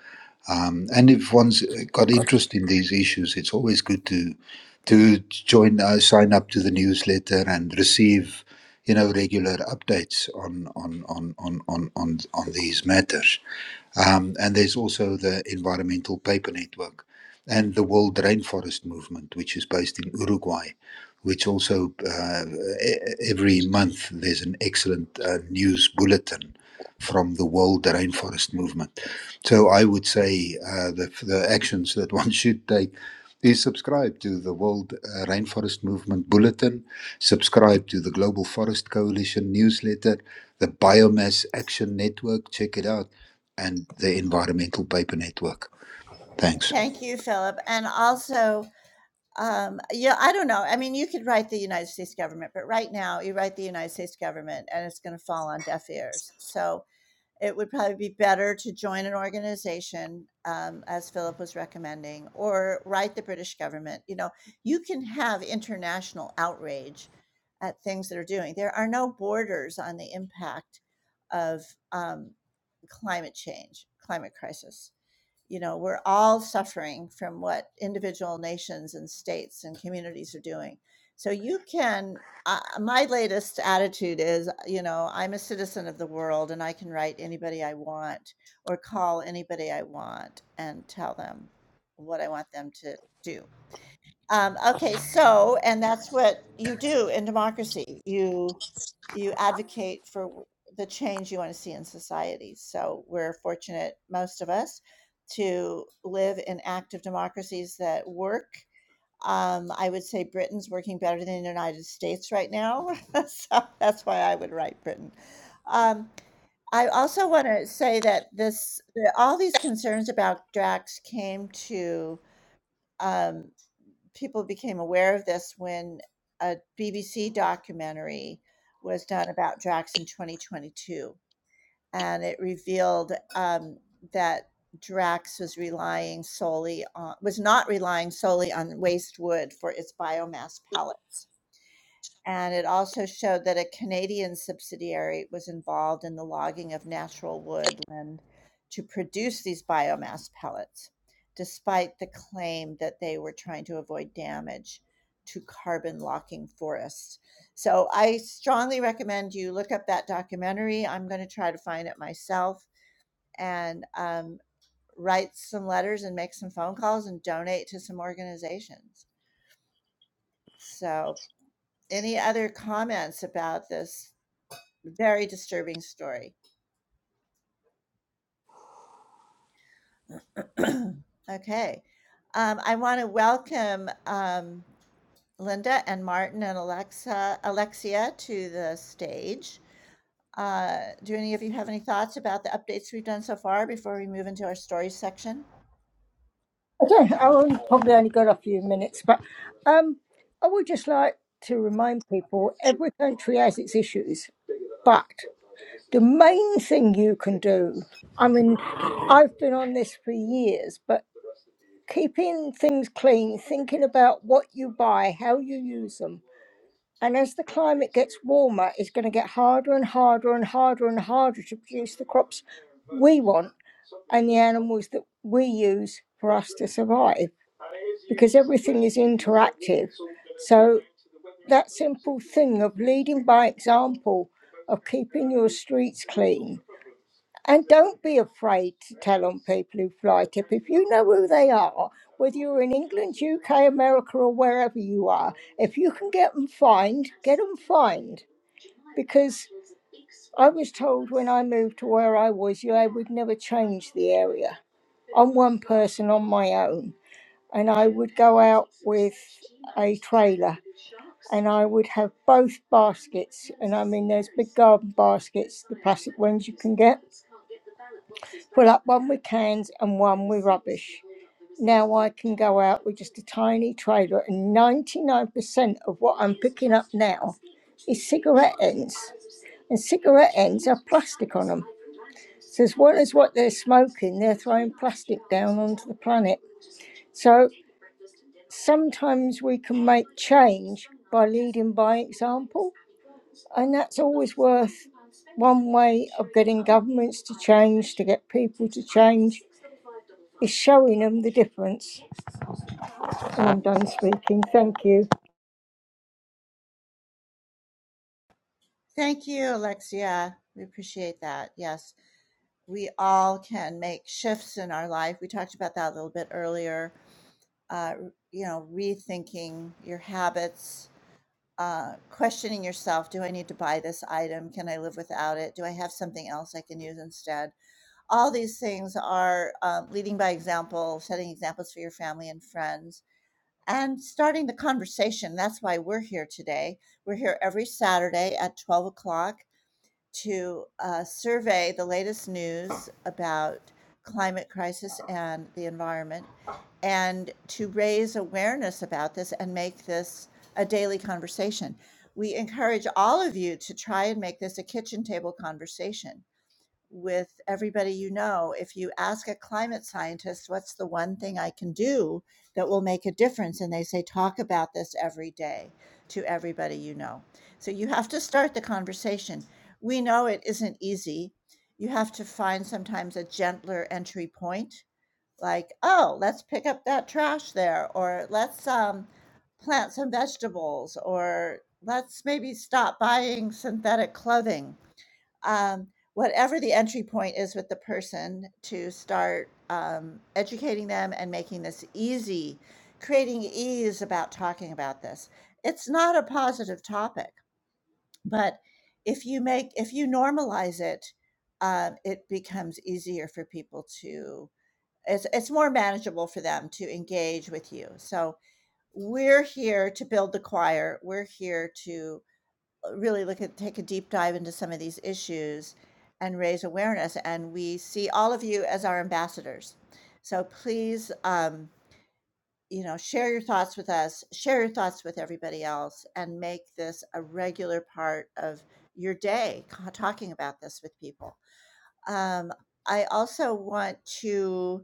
[SPEAKER 4] Um, and if one's got interest in these issues, it's always good to to join, uh, sign up to the newsletter, and receive, you know, regular updates on on on on on on, on these matters. Um, and there's also the Environmental Paper Network and the World Rainforest Movement, which is based in Uruguay, which also uh, e- e-, every month there's an excellent uh, news bulletin from the World Rainforest Movement. So I would say uh, the, the actions that one should take is subscribe to the World uh, Rainforest Movement bulletin, subscribe to the Global Forest Coalition newsletter, the Biomass Action Network, check it out and the Environmental Paper Network. Thanks.
[SPEAKER 1] Thank you, Philip. And also, um, yeah, I don't know. I mean, you could write the United States government, but right now you write the United States government and it's going to fall on deaf ears. So, it would probably be better to join an organization, um, as Philip was recommending, or write the British government. You know, you can have international outrage at things that are doing. There are no borders on the impact of um, climate change, climate crisis you know we're all suffering from what individual nations and states and communities are doing so you can uh, my latest attitude is you know i'm a citizen of the world and i can write anybody i want or call anybody i want and tell them what i want them to do um, okay, so, and that's what you do in democracy. You you advocate for the change you want to see in society. So we're fortunate, most of us, to live in active democracies that work. Um, I would say Britain's working better than the United States right now, so that's why I would write Britain. Um, I also want to say that this, that all these concerns about Drax came to. Um, people became aware of this when a BBC documentary was done about Drax in 2022, and it revealed um, that Drax was relying solely on was not relying solely on waste wood for its biomass pellets and it also showed that a Canadian subsidiary was involved in the logging of natural woodland to produce these biomass pellets, despite the claim that they were trying to avoid damage to carbon locking forests. So I strongly recommend you look up that documentary. I'm going to try to find it myself and um, write some letters and make some phone calls and donate to some organizations. So, any other comments about this Very disturbing story. Okay. Um, I want to welcome um, Linda and Martin and Alexa, Alexia to the stage. Uh, do any of you have any thoughts about the updates we've done so far before we move into our stories section?
[SPEAKER 6] Okay, I will probably only got a few minutes, but um, I would just like to remind people every country has its issues, but the main thing you can do, I mean, I've been on this for years, but keeping things clean, thinking about what you buy, how you use them. And as the climate gets warmer, it's going to get harder and harder and harder and harder to produce the crops we want and the animals that we use for us to survive because everything is interactive. So that simple thing of leading by example, of keeping your streets clean. And don't be afraid to tell on people who fly tip. If you know who they are, whether you're in England, UK, America, or wherever you are, if you can get them fined, get them fined. Because I was told when I moved to where I was, yeah, I would never change the area. I'm one person on my own and I would go out with a trailer and I would have both baskets. And I mean, there's big garden baskets, the plastic ones you can get. Fill up one with cans and one with rubbish. Now I can go out with just a tiny trailer, and 99% of what I'm picking up now is cigarette ends. And cigarette ends have plastic on them. So, as well as what they're smoking, they're throwing plastic down onto the planet. So, sometimes we can make change by leading by example, and that's always worth one way of getting governments to change, to get people to change, is showing them the difference. And I'm done speaking, thank you.
[SPEAKER 1] Thank you, Alexia. We appreciate that. Yes, we all can make shifts in our life. We talked about that a little bit earlier. Uh, you know, rethinking your habits, uh, questioning yourself do I need to buy this item? Can I live without it? Do I have something else I can use instead? All these things are um, leading by example, setting examples for your family and friends, and starting the conversation. That's why we're here today. We're here every Saturday at 12 o'clock to uh, survey the latest news about climate crisis and the environment and to raise awareness about this and make this a daily conversation. We encourage all of you to try and make this a kitchen table conversation with everybody you know if you ask a climate scientist what's the one thing i can do that will make a difference and they say talk about this every day to everybody you know so you have to start the conversation we know it isn't easy you have to find sometimes a gentler entry point like oh let's pick up that trash there or let's um, plant some vegetables or let's maybe stop buying synthetic clothing um, whatever the entry point is with the person to start um, educating them and making this easy, creating ease about talking about this. It's not a positive topic, but if you make if you normalize it, um, it becomes easier for people to. It's it's more manageable for them to engage with you. So we're here to build the choir. We're here to really look at take a deep dive into some of these issues and raise awareness and we see all of you as our ambassadors so please um, you know share your thoughts with us share your thoughts with everybody else and make this a regular part of your day talking about this with people um, i also want to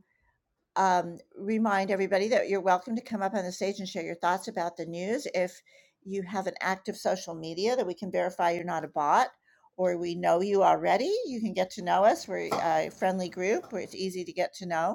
[SPEAKER 1] um, remind everybody that you're welcome to come up on the stage and share your thoughts about the news. If you have an active social media that we can verify you're not a bot or we know you already, you can get to know us. We're a friendly group where it's easy to get to know.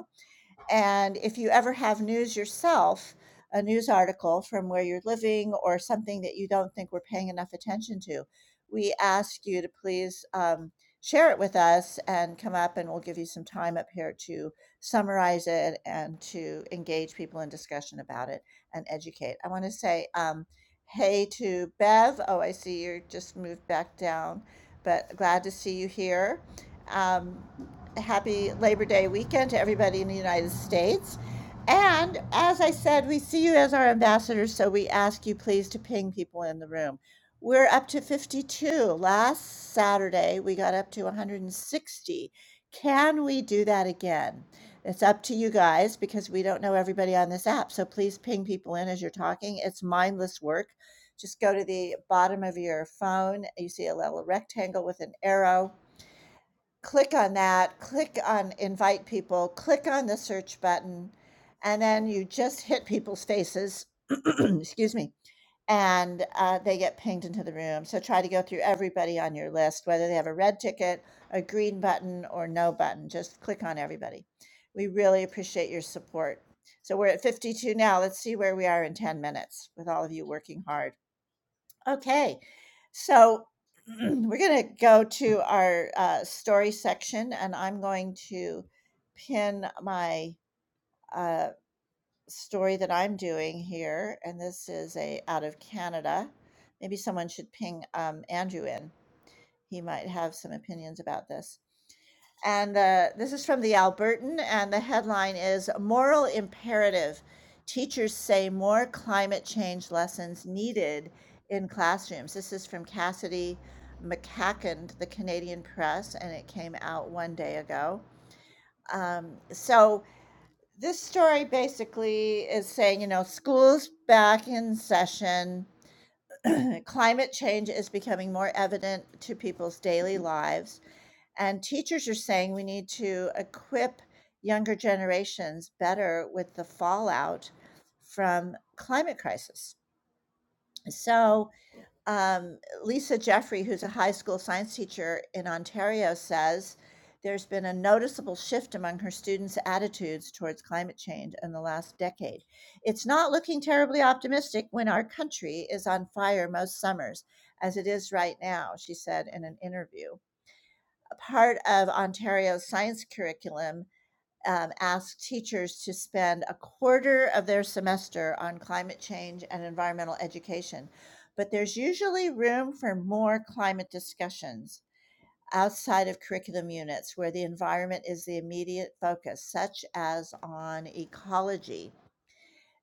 [SPEAKER 1] And if you ever have news yourself, a news article from where you're living or something that you don't think we're paying enough attention to, we ask you to please um, share it with us and come up, and we'll give you some time up here to summarize it and to engage people in discussion about it and educate. I want to say um, hey to Bev. Oh, I see you just moved back down, but glad to see you here. Um, happy Labor Day weekend to everybody in the United States. And as I said, we see you as our ambassadors, so we ask you please to ping people in the room. We're up to 52. Last Saturday, we got up to 160. Can we do that again? It's up to you guys because we don't know everybody on this app. So please ping people in as you're talking. It's mindless work. Just go to the bottom of your phone. You see a little rectangle with an arrow click on that, click on invite people, click on the search button, and then you just hit people's faces. excuse me. And uh, they get pinged into the room. So try to go through everybody on your list, whether they have a red ticket, a green button, or no button. Just click on everybody. We really appreciate your support. So we're at 52 now. Let's see where we are in 10 minutes with all of you working hard. Okay. So we're going to go to our uh, story section, and I'm going to pin my uh, story that I'm doing here. And this is a out of Canada. Maybe someone should ping um, Andrew in. He might have some opinions about this. And uh, this is from the Albertan, and the headline is Moral Imperative. Teachers say more climate change lessons needed in classrooms. This is from Cassidy McCacken, the Canadian Press, and it came out one day ago. Um, so this story basically is saying, you know, schools back in session. climate change is becoming more evident to people's daily lives and teachers are saying we need to equip younger generations better with the fallout from climate crisis. So, um, Lisa Jeffrey, who's a high school science teacher in Ontario, says there's been a noticeable shift among her students' attitudes towards climate change in the last decade. It's not looking terribly optimistic when our country is on fire most summers, as it is right now, she said in an interview part of Ontario's science curriculum um, asks teachers to spend a quarter of their semester on climate change and environmental education, but there's usually room for more climate discussions outside of curriculum units where the environment is the immediate focus, such as on ecology.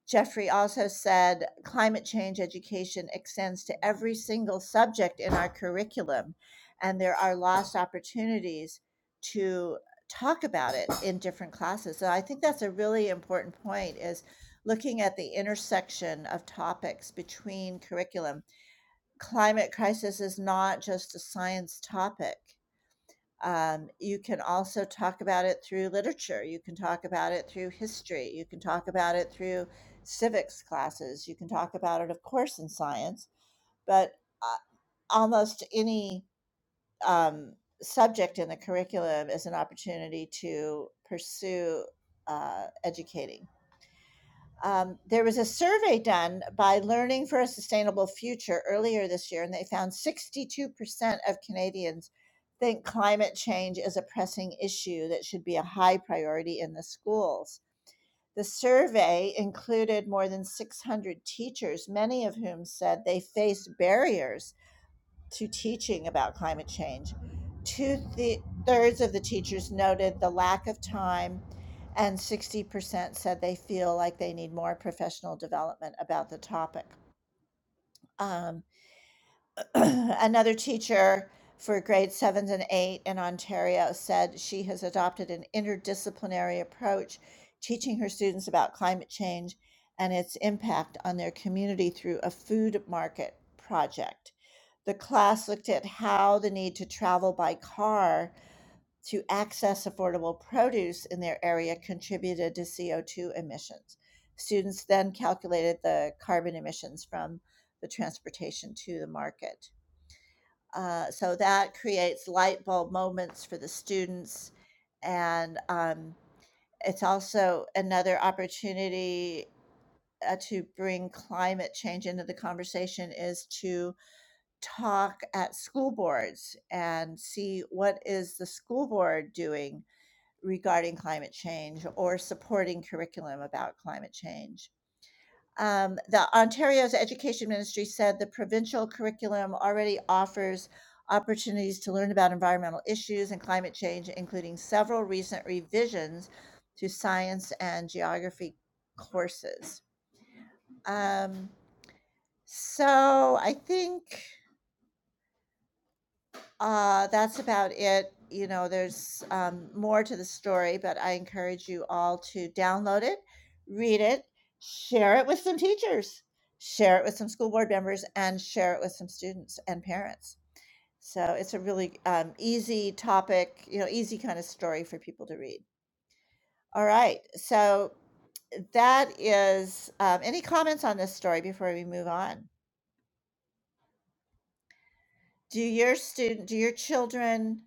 [SPEAKER 1] Jeffrey also said climate change education extends to every single subject in our curriculum, and there are lost opportunities to talk about it in different classes. So I think that's a really important point is looking at the intersection of topics between curriculum. Climate crisis is not just a science topic. Um, you can also talk about it through literature. You can talk about it through history. You can talk about it through civics classes. You can talk about it, of course, in science, but uh, almost any um, subject in the curriculum is an opportunity to pursue uh, educating. Um, there was a survey done by Learning for a Sustainable Future earlier this year, and they found 62% of Canadians think climate change is a pressing issue that should be a high priority in the schools. The survey included more than 600 teachers, many of whom said they face barriers to teaching about climate change. Two th- thirds of the teachers noted the lack of time, and 60% said they feel like they need more professional development about the topic. Um, another teacher for grade sevens and eight in Ontario said she has adopted an interdisciplinary approach, teaching her students about climate change and its impact on their community through a food market project. The class looked at how the need to travel by car to access affordable produce in their area contributed to CO2 emissions. Students then calculated the carbon emissions from the transportation to the market uh, so that creates light bulb moments for the students. And um, it's also another opportunity uh, to bring climate change into the conversation is to talk at school boards and see what is the school board doing regarding climate change or supporting curriculum about climate change um, the Ontario's Education Ministry said the provincial curriculum already offers opportunities to learn about environmental issues and climate change, including several recent revisions to science and geography courses. Um, so I think Uh, that's about it. You know, there's um, more to the story, but I encourage you all to download it, read it, share it with some teachers, share it with some school board members, and share it with some students and parents. So it's a really um, easy topic, you know, easy kind of story for people to read. All right. So that is um, any comments on this story before we move on? Do your student, do your children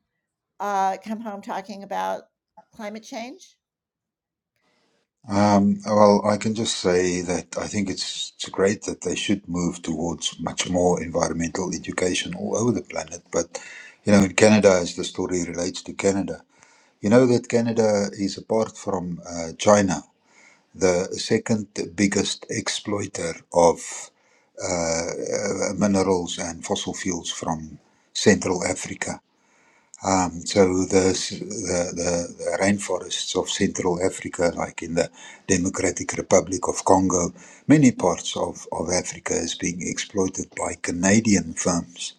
[SPEAKER 1] uh, come home talking about climate change?
[SPEAKER 4] Um, well, I can just say that I think it's, it's great that they should move towards much more environmental education all over the planet. But, you know, in Canada, as the story relates to Canada, you know that Canada is apart from uh, China, the second biggest exploiter of uh, uh, minerals and fossil fuels from Central Africa. Um, so the, s- the the the rainforests of Central Africa, like in the Democratic Republic of Congo, many parts of, of Africa is being exploited by Canadian firms.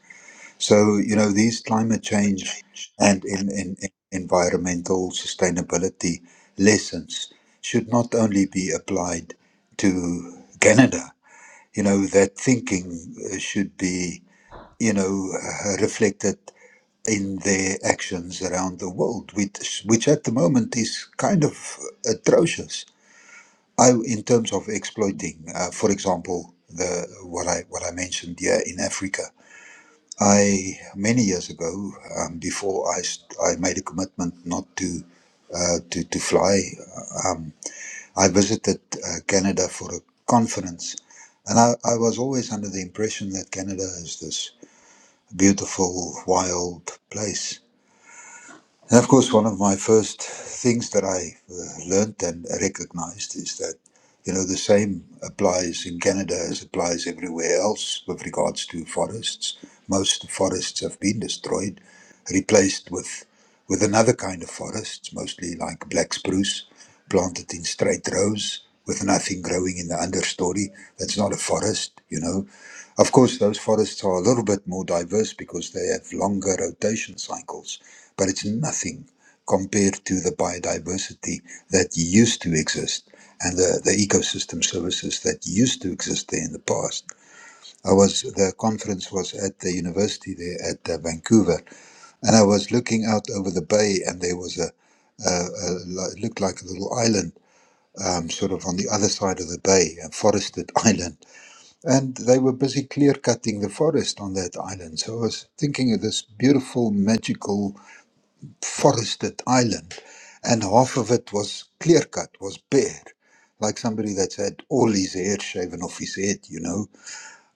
[SPEAKER 4] So you know these climate change and in, in, in environmental sustainability lessons should not only be applied to Canada. You know that thinking uh, should be you know, uh, reflected in their actions around the world, which, which at the moment is kind of atrocious. I, in terms of exploiting, uh, for example, the what I what I mentioned here in Africa. I many years ago, um, before I st- I made a commitment not to uh, to to fly. I visited uh, Canada for a conference, and I, I was always under the impression that Canada is this beautiful, wild place And of course, one of my first things that I uh, learned and recognized is that, you know, the same applies in Canada as applies everywhere else with regards to forests. Most forests have been destroyed, replaced with with another kind of forests, mostly like black spruce, planted in straight rows with nothing growing in the understory. That's not a forest, you know. Of course, those forests are a little bit more diverse because they have longer rotation cycles but it's nothing compared to the biodiversity that used to exist and the, the ecosystem services that used to exist there in the past. I was the conference was at the university there at uh, Vancouver, and I was looking out over the bay, and there was a, a, a li- it looked like a little island, um, sort of on the other side of the bay, a forested island, and they were busy clear cutting the forest on that island. So I was thinking of this beautiful, magical forested island, and half of it was clear cut, was bare, like somebody that's had all his hair shaven off his head, you know.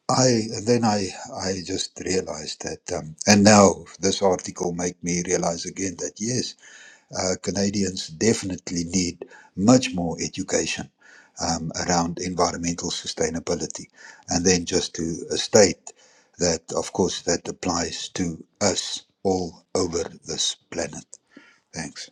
[SPEAKER 4] I then I I just realized that, um, and now this article make me realize again that yes, uh, Canadians definitely need much more education um, around environmental sustainability, and then just to uh, state that, of course, that applies to us all over this planet. Thanks.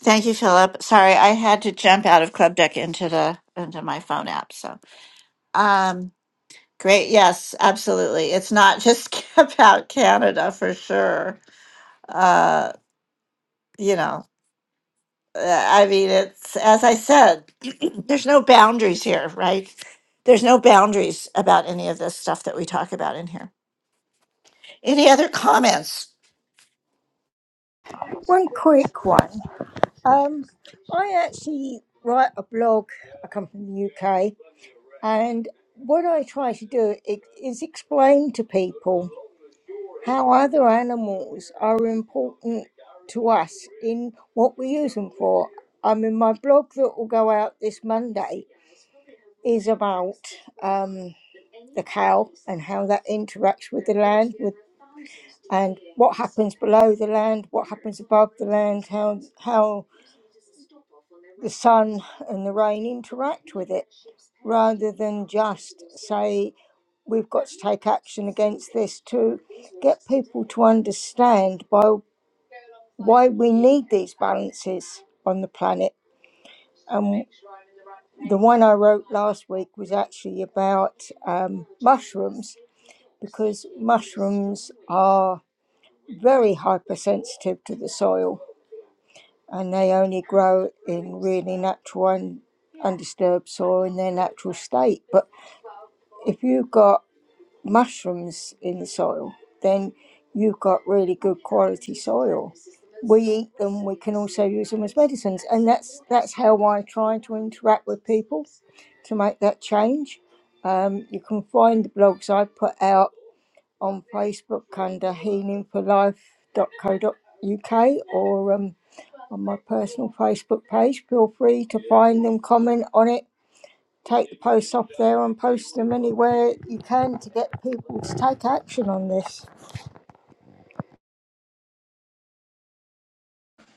[SPEAKER 1] Thank you, Philip. Sorry, I had to jump out of Club Deck into the into my phone app. So, um, great. Yes, absolutely. It's not just about Canada for sure. Uh, you know, uh, I mean, it's as I said, there's no boundaries here, right? There's no boundaries about any of this stuff that we talk about in here. Any other comments?
[SPEAKER 6] One quick one. Um, I actually write a blog, I come from the UK, and what I try to do i- is explain to people. how other animals are important to us in what we use them for. I mean, my blog that will go out this Monday is about um, the cow and how that interacts with the land, with and what happens below the land, what happens above the land, how how the sun and the rain interact with it, rather than just say we've got to take action against this to get people to understand by why we need these balances on the planet. Um, the one I wrote last week was actually about um, mushrooms because mushrooms are very hypersensitive to the soil and they only grow in really natural and undisturbed soil in their natural state. But if you've got mushrooms in the soil, then you've got really good quality soil. We eat them, we can also use them as medicines. And that's that's how I try to interact with people to make that change. Um, you can find the blogs I put out on Facebook under Healing for Life dot dot co dot uk or um, on my personal Facebook page. Feel free to find them, comment on it, Take the posts off there and post them anywhere you can to get people to take action on this.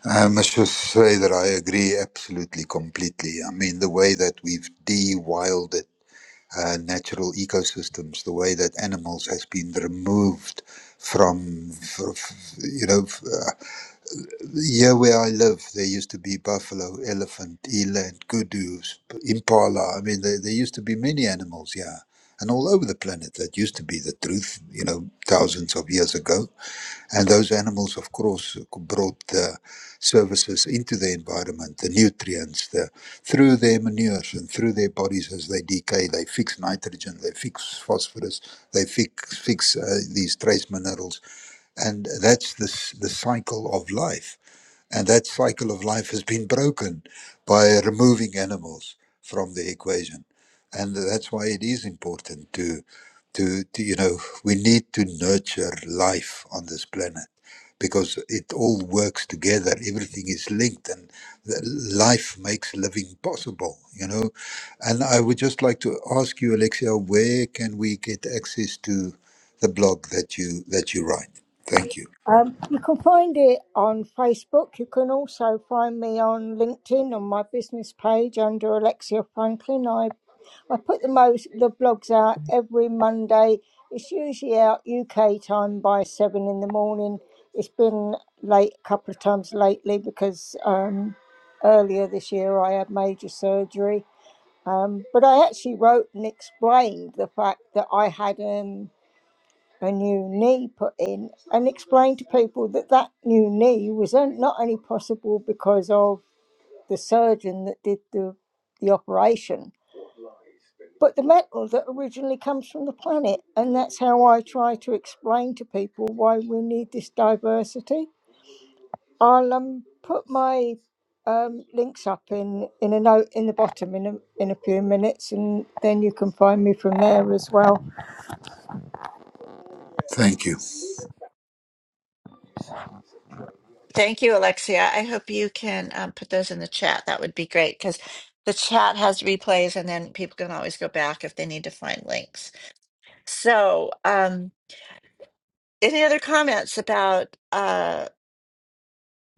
[SPEAKER 4] I must just say that I agree absolutely, completely. I mean, the way that we've de-wilded uh, natural ecosystems, the way that animals has been removed from, f- f- you know, f- uh, here where I live, there used to be buffalo, elephant, eland, kudu, sp- impala. I mean, there, there used to be many animals, yeah, and all over the planet. That used to be the truth, you know, thousands of years ago And those animals, of course, brought the services into the environment, the nutrients, the, through their manures and through their bodies as they decay. They fix nitrogen, they fix phosphorus, they fix, fix uh, these trace minerals. And that's the, s- the cycle of life and that cycle of life has been broken by removing animals from the equation. And that's why it is important to, to, to you know, we need to nurture life on this planet because it all works together. Everything is linked and the- life makes living possible, you know. And I would just like to ask you, Alexia, where can we get access to the blog that you, that you write? Thank you.
[SPEAKER 6] Um, you can find it on Facebook. You can also find me on LinkedIn on my business page under Alexia Franklin. I, I put the most the blogs out every Monday. It's usually out UK time by seven in the morning. It's been late a couple of times lately because um, earlier this year I had major surgery. Um, but I actually wrote and explained the fact that I had um, a new knee put in and explained to people that that new knee was on- not only possible because of the surgeon that did the, the operation, but the metal that originally comes from the planet. And that's how I try to explain to people why we need this diversity. I'll um put my um links up in in a note in the bottom in a in a few minutes, and then you can find me from there as well.
[SPEAKER 4] Thank you.
[SPEAKER 1] Thank you, Alexia. I hope you can um, put those in the chat. That would be great because the chat has replays and then people can always go back if they need to find links. So, um, any other comments about uh,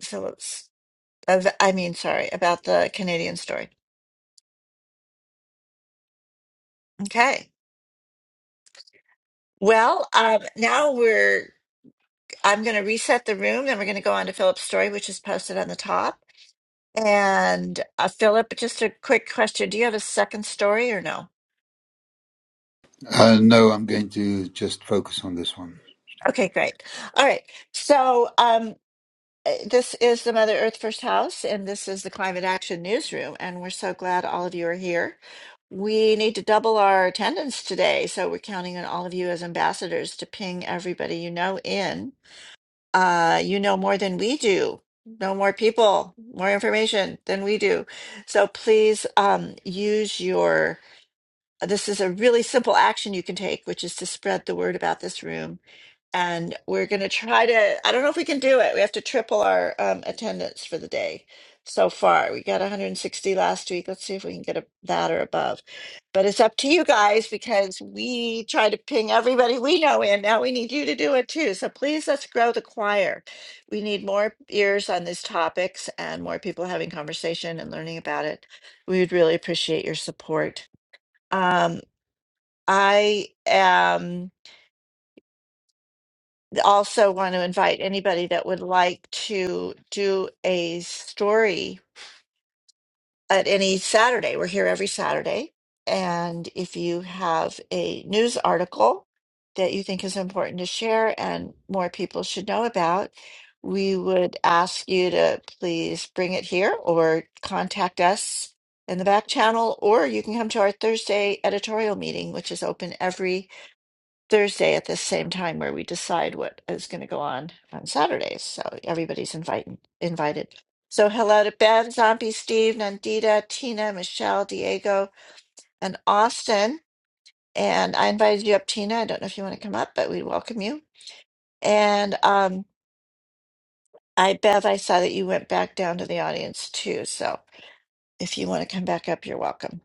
[SPEAKER 1] Phillips? Of, I mean, sorry, about the Canadian story. Okay. Well, um, now we're, I'm going to reset the room and we're going to go on to Philip's story, which is posted on the top. And uh, Philip, just a quick question. Do you have a second story or no?
[SPEAKER 4] Uh, no, I'm going to just focus on this one,
[SPEAKER 1] Okay,
[SPEAKER 4] Stephanie.
[SPEAKER 1] great. All right. So, um, uh, this is the Mother Earth First House, and this is the Climate Action Newsroom. And we're so glad all of you are here. We need to double our attendance today. So, we're counting on all of you as ambassadors to ping everybody you know in. Uh, you know more than we do, know more people, more information than we do. So, please um, use your this is a really simple action you can take, which is to spread the word about this room and we're going to try to i don't know if we can do it we have to triple our um, attendance for the day so far we got 160 last week let's see if we can get a, that or above but it's up to you guys because we try to ping everybody we know in now we need you to do it too so please let's grow the choir we need more ears on these topics and more people having conversation and learning about it we would really appreciate your support um, i am also want to invite anybody that would like to do a story at any Saturday. We're here every Saturday. And if you have a news article that you think is important to share and more people should know about, we would ask you to please bring it here or contact us in the back channel, or you can come to our Thursday editorial meeting, which is open every Thursday at the same time where we decide what is going to go on on Saturdays. So everybody's invited. Invited. So hello to Ben, Zombie, Steve, Nandita, Tina, Michelle, Diego, and Austin. And I invited you up, Tina. I don't know if you want to come up, but we welcome you. And um, I, Bev, I saw that you went back down to the audience too. So if you want to come back up, you're welcome.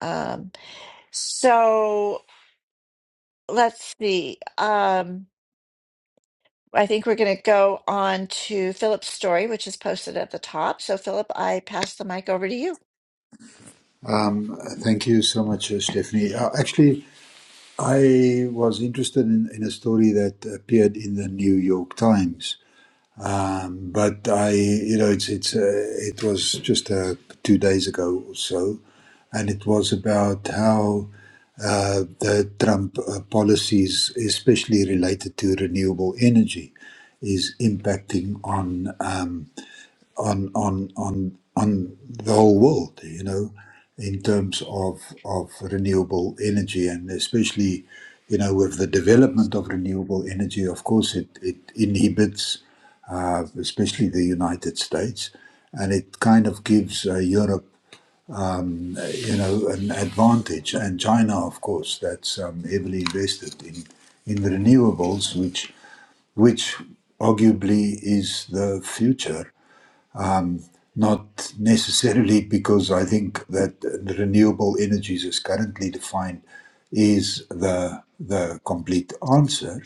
[SPEAKER 1] Um, so let's see. Um, I think we're going to go on to Philip's story, which is posted at the top. So, Philip, I pass the mic over to you.
[SPEAKER 4] Um, thank you so much, uh, Stephanie. Uh, actually, I was interested in, in a story that appeared in the New York Times, um, but I, you know, it's it's uh, it was just uh, two days ago or so, and it was about how uh, the Trump uh, policies, especially related to renewable energy, is impacting on. Um, on on on the whole world, you know, in terms of of renewable energy and especially, you know, with the development of renewable energy, of course, it it inhibits, uh, especially the United States, and it kind of gives uh, Europe, uh, you know, an advantage, and China, of course, that's um, heavily invested in in renewables, which which arguably is the future Not necessarily because I think that the renewable energies as currently defined is the the complete answer,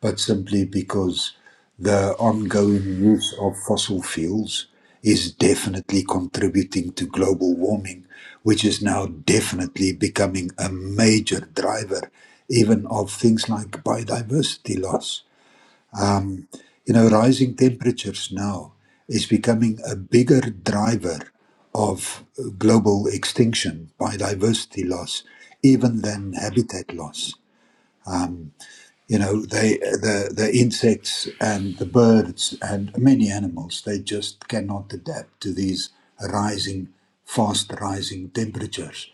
[SPEAKER 4] but simply because the ongoing use of fossil fuels is definitely contributing to global warming, which is now definitely becoming a major driver even of things like biodiversity loss. You know, rising temperatures now is becoming a bigger driver of uh, global extinction, biodiversity loss, even than habitat loss. You know, they, the, the insects and the birds and many animals, they just cannot adapt to these rising, fast rising temperatures.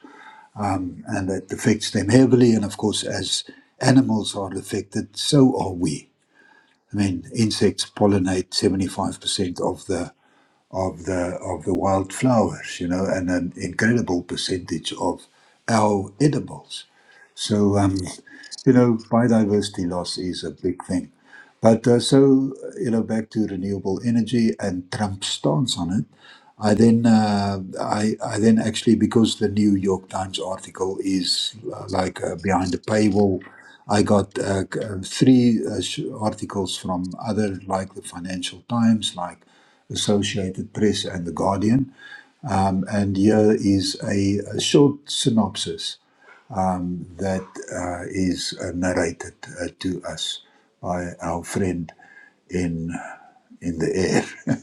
[SPEAKER 4] And it affects them heavily. And of course, as animals are affected, so are we. I mean, insects pollinate 75% of the of the of the wildflowers, you know, and an incredible percentage of our edibles. So, um, you know, biodiversity loss is a big thing. But uh, so, you know, back to renewable energy and Trump's stance on it. I then, uh, I, I then actually, because the New York Times article is uh, like uh, behind the paywall, I got uh, c- uh, three uh, sh- articles from other, like the Financial Times, like Associated Press, and the Guardian. And here is a, a short synopsis um, that uh, is uh, narrated uh, to us by our friend in in the air.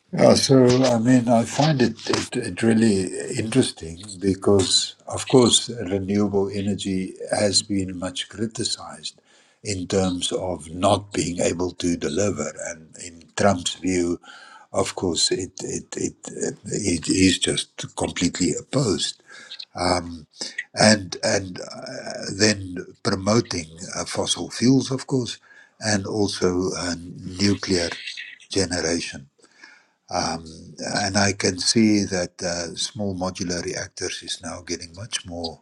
[SPEAKER 4] yeah, so I mean, I find it, it it really interesting because, of course, renewable energy has been much criticized in terms of not being able to deliver, and in Trump's view. Of course, it it, it it it is just completely opposed um, and and uh, then promoting uh, fossil fuels, of course, and also uh, nuclear generation. Um, and I can see that uh, small modular reactors is now getting much more,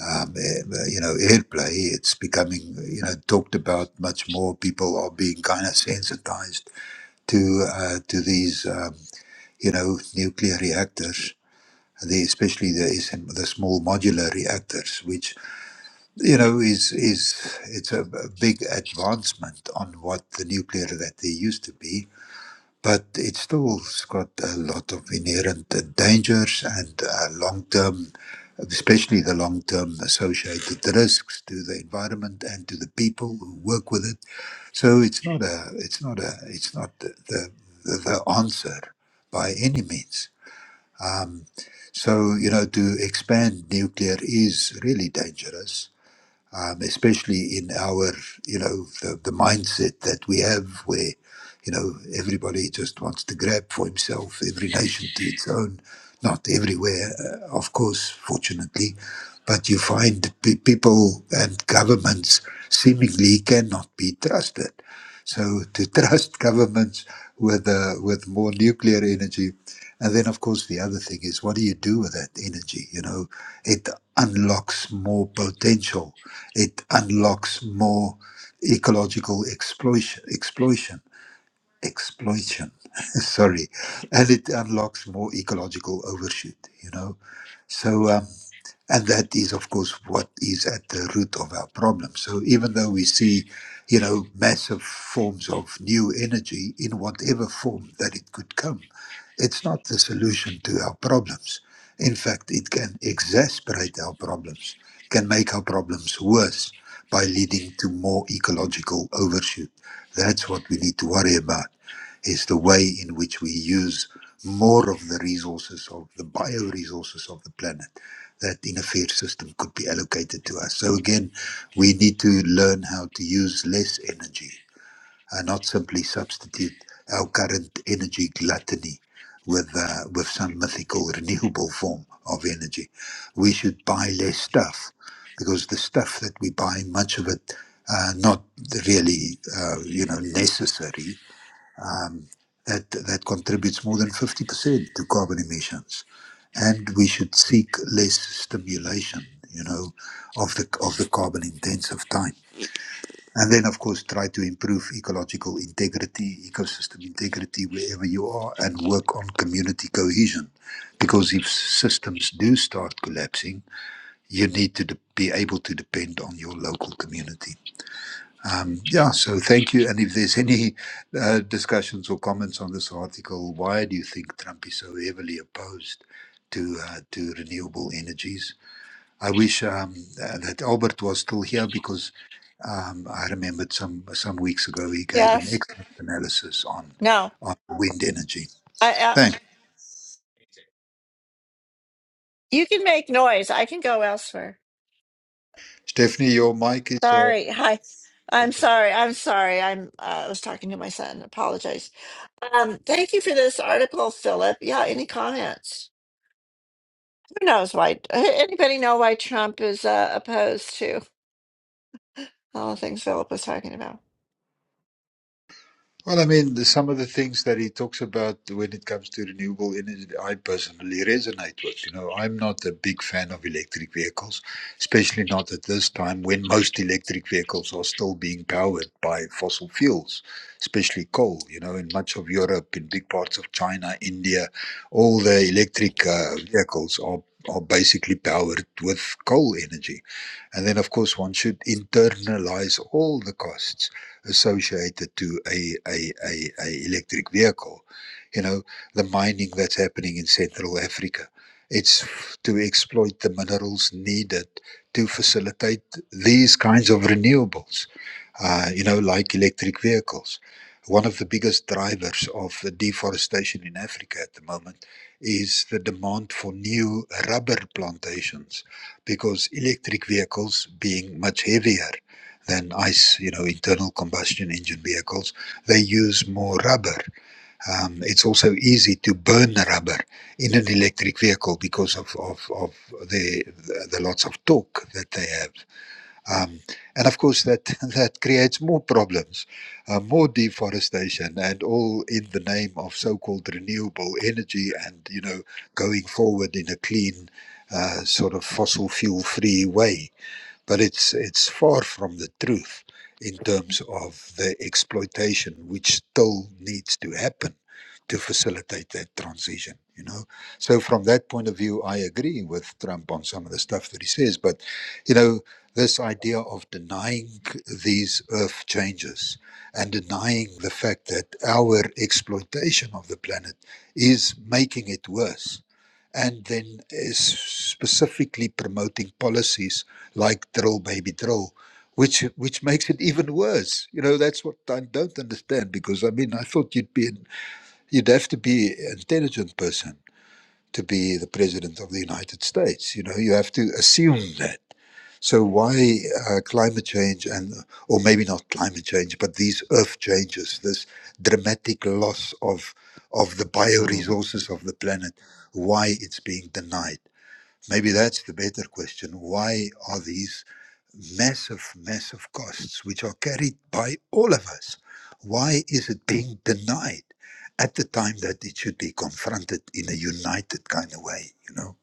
[SPEAKER 4] um, eh, eh, you know, airplay. It's becoming, you know, talked about much more. People are being kind of sensitized to uh, to these, um, you know, nuclear reactors, the, especially the SM, the small modular reactors, which you know, is is it's a, a big advancement on what the nuclear that there used to be, but it's still's got a lot of inherent uh, dangers and uh, long-term, especially the long-term associated risks to the environment and to the people who work with it. So it's not a, it's not a, it's not the the, the the answer by any means. Um, so you know, to expand nuclear is really dangerous um, especially in our, you know, the, the mindset that we have where, you know, everybody just wants to grab for himself, every nation to its own, not everywhere, uh, of course, fortunately, but you find pe- people and governments seemingly cannot be trusted. So to trust governments with uh, with more nuclear energy, and then of course the other thing is what do you do with that energy? You know, it unlocks more potential it unlocks more ecological exploitation, exploitation, exploitation. Sorry, and it unlocks more ecological overshoot. You know, so. Um, and that is, of course, what is at the root of our problem. So even though we see, you know, massive forms of new energy in whatever form that it could come, it's not the solution to our problems. In fact, it can exacerbate our problems, can make our problems worse by leading to more ecological overshoot. That's what we need to worry about, is the way in which we use more of the resources of the bioresources of the planet that in a fair system could be allocated to us. So again, we need to learn how to use less energy and not simply substitute our current energy gluttony with uh, with some mythical renewable form of energy. We should buy less stuff because the stuff that we buy, much of it, uh, not really, uh, you know, necessary um, that that contributes more than 50% to carbon emissions and we should seek less stimulation you know of the of the carbon intensive time and then of course try to improve ecological integrity ecosystem integrity wherever you are and work on community cohesion because if systems do start collapsing you need to de- be able to depend on your local community um, yeah, so thank you. And if there's any uh, discussions or comments on this article, why do you think Trump is so heavily opposed to uh, to renewable energies? I wish um, uh, that Albert was still here because um, I remembered some some weeks ago he gave an
[SPEAKER 1] Yes.
[SPEAKER 4] excellent analysis on
[SPEAKER 1] No.
[SPEAKER 4] on wind energy.
[SPEAKER 1] I. Uh,
[SPEAKER 4] Thanks,
[SPEAKER 1] you can make noise. I can go elsewhere.
[SPEAKER 4] Stephanie. Your mic is uh,
[SPEAKER 1] Sorry. Hi. I'm sorry. I'm sorry. I'm. Uh, I was talking to my son. Apologize. Um. Thank you for this article, Philip. Yeah. Any comments? Who knows why? Anybody know why Trump is uh, opposed to all the things Philip was talking about?
[SPEAKER 4] Well, I mean, the- some of the things that he talks about when it comes to renewable energy, I personally resonate with. You know, I'm not a big fan of electric vehicles, especially not at this time when most electric vehicles are still being powered by fossil fuels, especially coal. You know, in much of Europe, in big parts of China, India, all the electric uh, vehicles are are basically powered with coal energy. And then, of course, one should internalize all the costs associated to a, a, a, a electric vehicle. You know, the mining that's happening in Central Africa. It's to exploit the minerals needed to facilitate these kinds of renewables, uh, you know, like electric vehicles. One of the biggest drivers of the deforestation in Africa at the moment is the demand for new rubber plantations because electric vehicles being much heavier than ICE, you know, internal combustion engine vehicles. They use more rubber. Um, it's also easy to burn rubber in an electric vehicle because of, of, of the, the, the lots of torque that they have. Um, and of course, that, that creates more problems, uh, more deforestation, and all in the name of so called renewable energy and, you know, going forward in a clean, uh, sort of fossil fuel free way but it's it's far from the truth in terms of the exploitation which still needs to happen to facilitate that transition you know so from that point of view i agree with trump on some of the stuff that he says but you know this idea of denying these earth changes and denying the fact that our exploitation of the planet is making it worse and then is specifically promoting policies like drill baby drill which which makes it even worse you know that's what i don't understand because i mean i thought you'd be an- you'd have to be an intelligent person to be the president of the united states you know you have to assume that so why uh, climate change and or maybe not climate change but these earth changes this dramatic loss of of the
[SPEAKER 7] Mm,
[SPEAKER 4] bioresources of the planet why it's being denied Maybe that's the better question. Why are these massive, massive costs, which are carried by all of us, why is it being denied at the time that it should be confronted in a united kind of way, you know?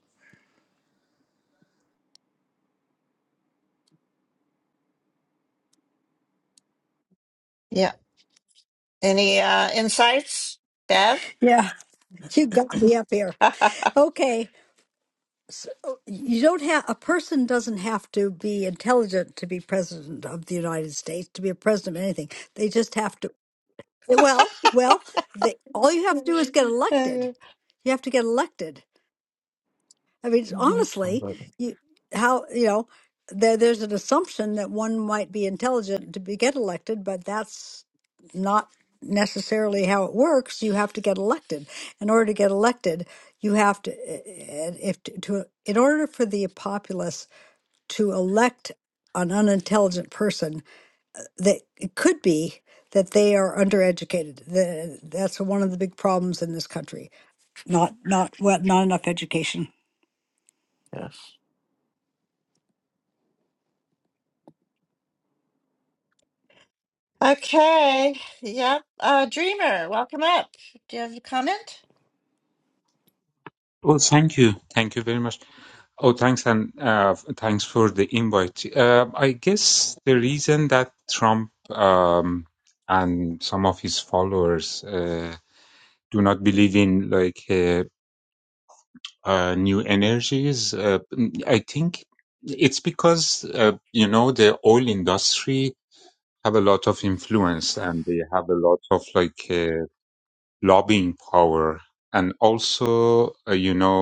[SPEAKER 1] Yeah. Any uh, insights, Bev?
[SPEAKER 8] Yeah, you got me up here. Okay, so oh, you don't have a person doesn't have to be intelligent to be president of the United States to be a president of anything. They just have to. Well, well, they, all you have to do is get elected. You have to get elected. I mean,
[SPEAKER 1] Mhm.
[SPEAKER 8] honestly,
[SPEAKER 7] but
[SPEAKER 8] you how you know there there's an assumption that one might be intelligent to be get elected, but that's not necessarily how it works. You have to get elected. In order to get elected, you have to eh, eh, if to in order for the populace to elect an unintelligent person, that it could be that they are undereducated. Tha- That's one of the big problems in this country. Not not what not enough education.
[SPEAKER 7] yes.
[SPEAKER 1] Okay. Yep. Uh, Dreamer, welcome up. Do you have a comment?
[SPEAKER 9] Oh, thank you. Thank you very much. Oh, thanks and uh, thanks for the invite. Uh, I guess the reason that Trump um, and some of his followers uh, do not believe in like uh, uh, new energies, uh, I think it's because uh, you know the oil industry have a lot of influence and they have a lot of like uh, lobbying power, and also uh, you know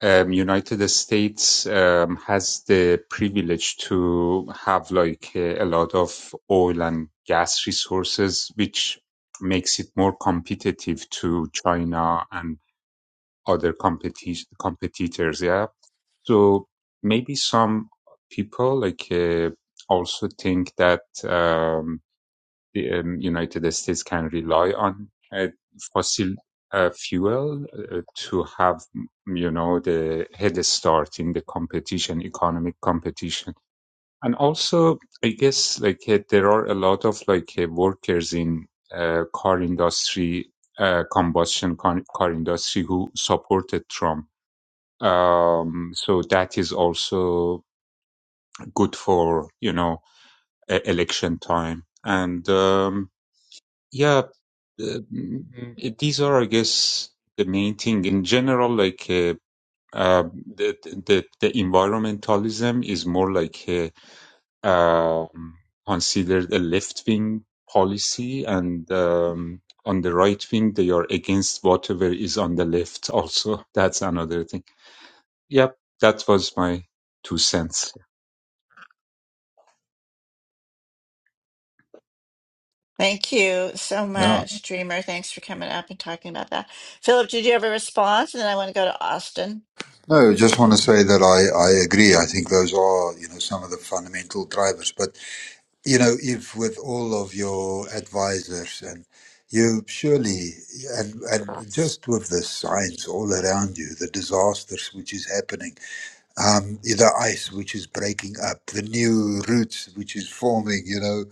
[SPEAKER 9] um, United States um, has the privilege to have like a, a lot of oil and gas resources, which makes it more competitive to China and other competi- competitors. Yeah, so maybe some people like uh, also think that. Um, the um, United States can rely on uh, fossil uh, fuel uh, to have, you know, the head start in the competition, economic competition. And also, I guess, like, uh, there are a lot of, like, uh, workers in uh, car industry, uh, combustion car, car industry who supported Trump. Um, so that is also good for, you know, e- election time. And, um, yeah, uh, mm, these are, I guess, the main thing in general. Like uh, uh, the, the the environmentalism is more like uh, um, considered a left wing policy, and um, on the right wing they are against whatever is on the left. Also, that's another thing. Yep, that was my two cents.
[SPEAKER 1] Thank you so
[SPEAKER 4] Yeah.
[SPEAKER 1] much, Dreamer. Thanks for coming up and talking about that. Philip, did you have a response? And then I want to go to Austin.
[SPEAKER 4] No, I just want to
[SPEAKER 7] Mm,
[SPEAKER 4] say that I, I agree. I think those are, you know, some of the fundamental drivers. but. you know, Eve, with all of your advisors, and you surely, and and just with the signs all around you, the disasters which is happening, um, the ice which is breaking up, the new roots which is forming, you know,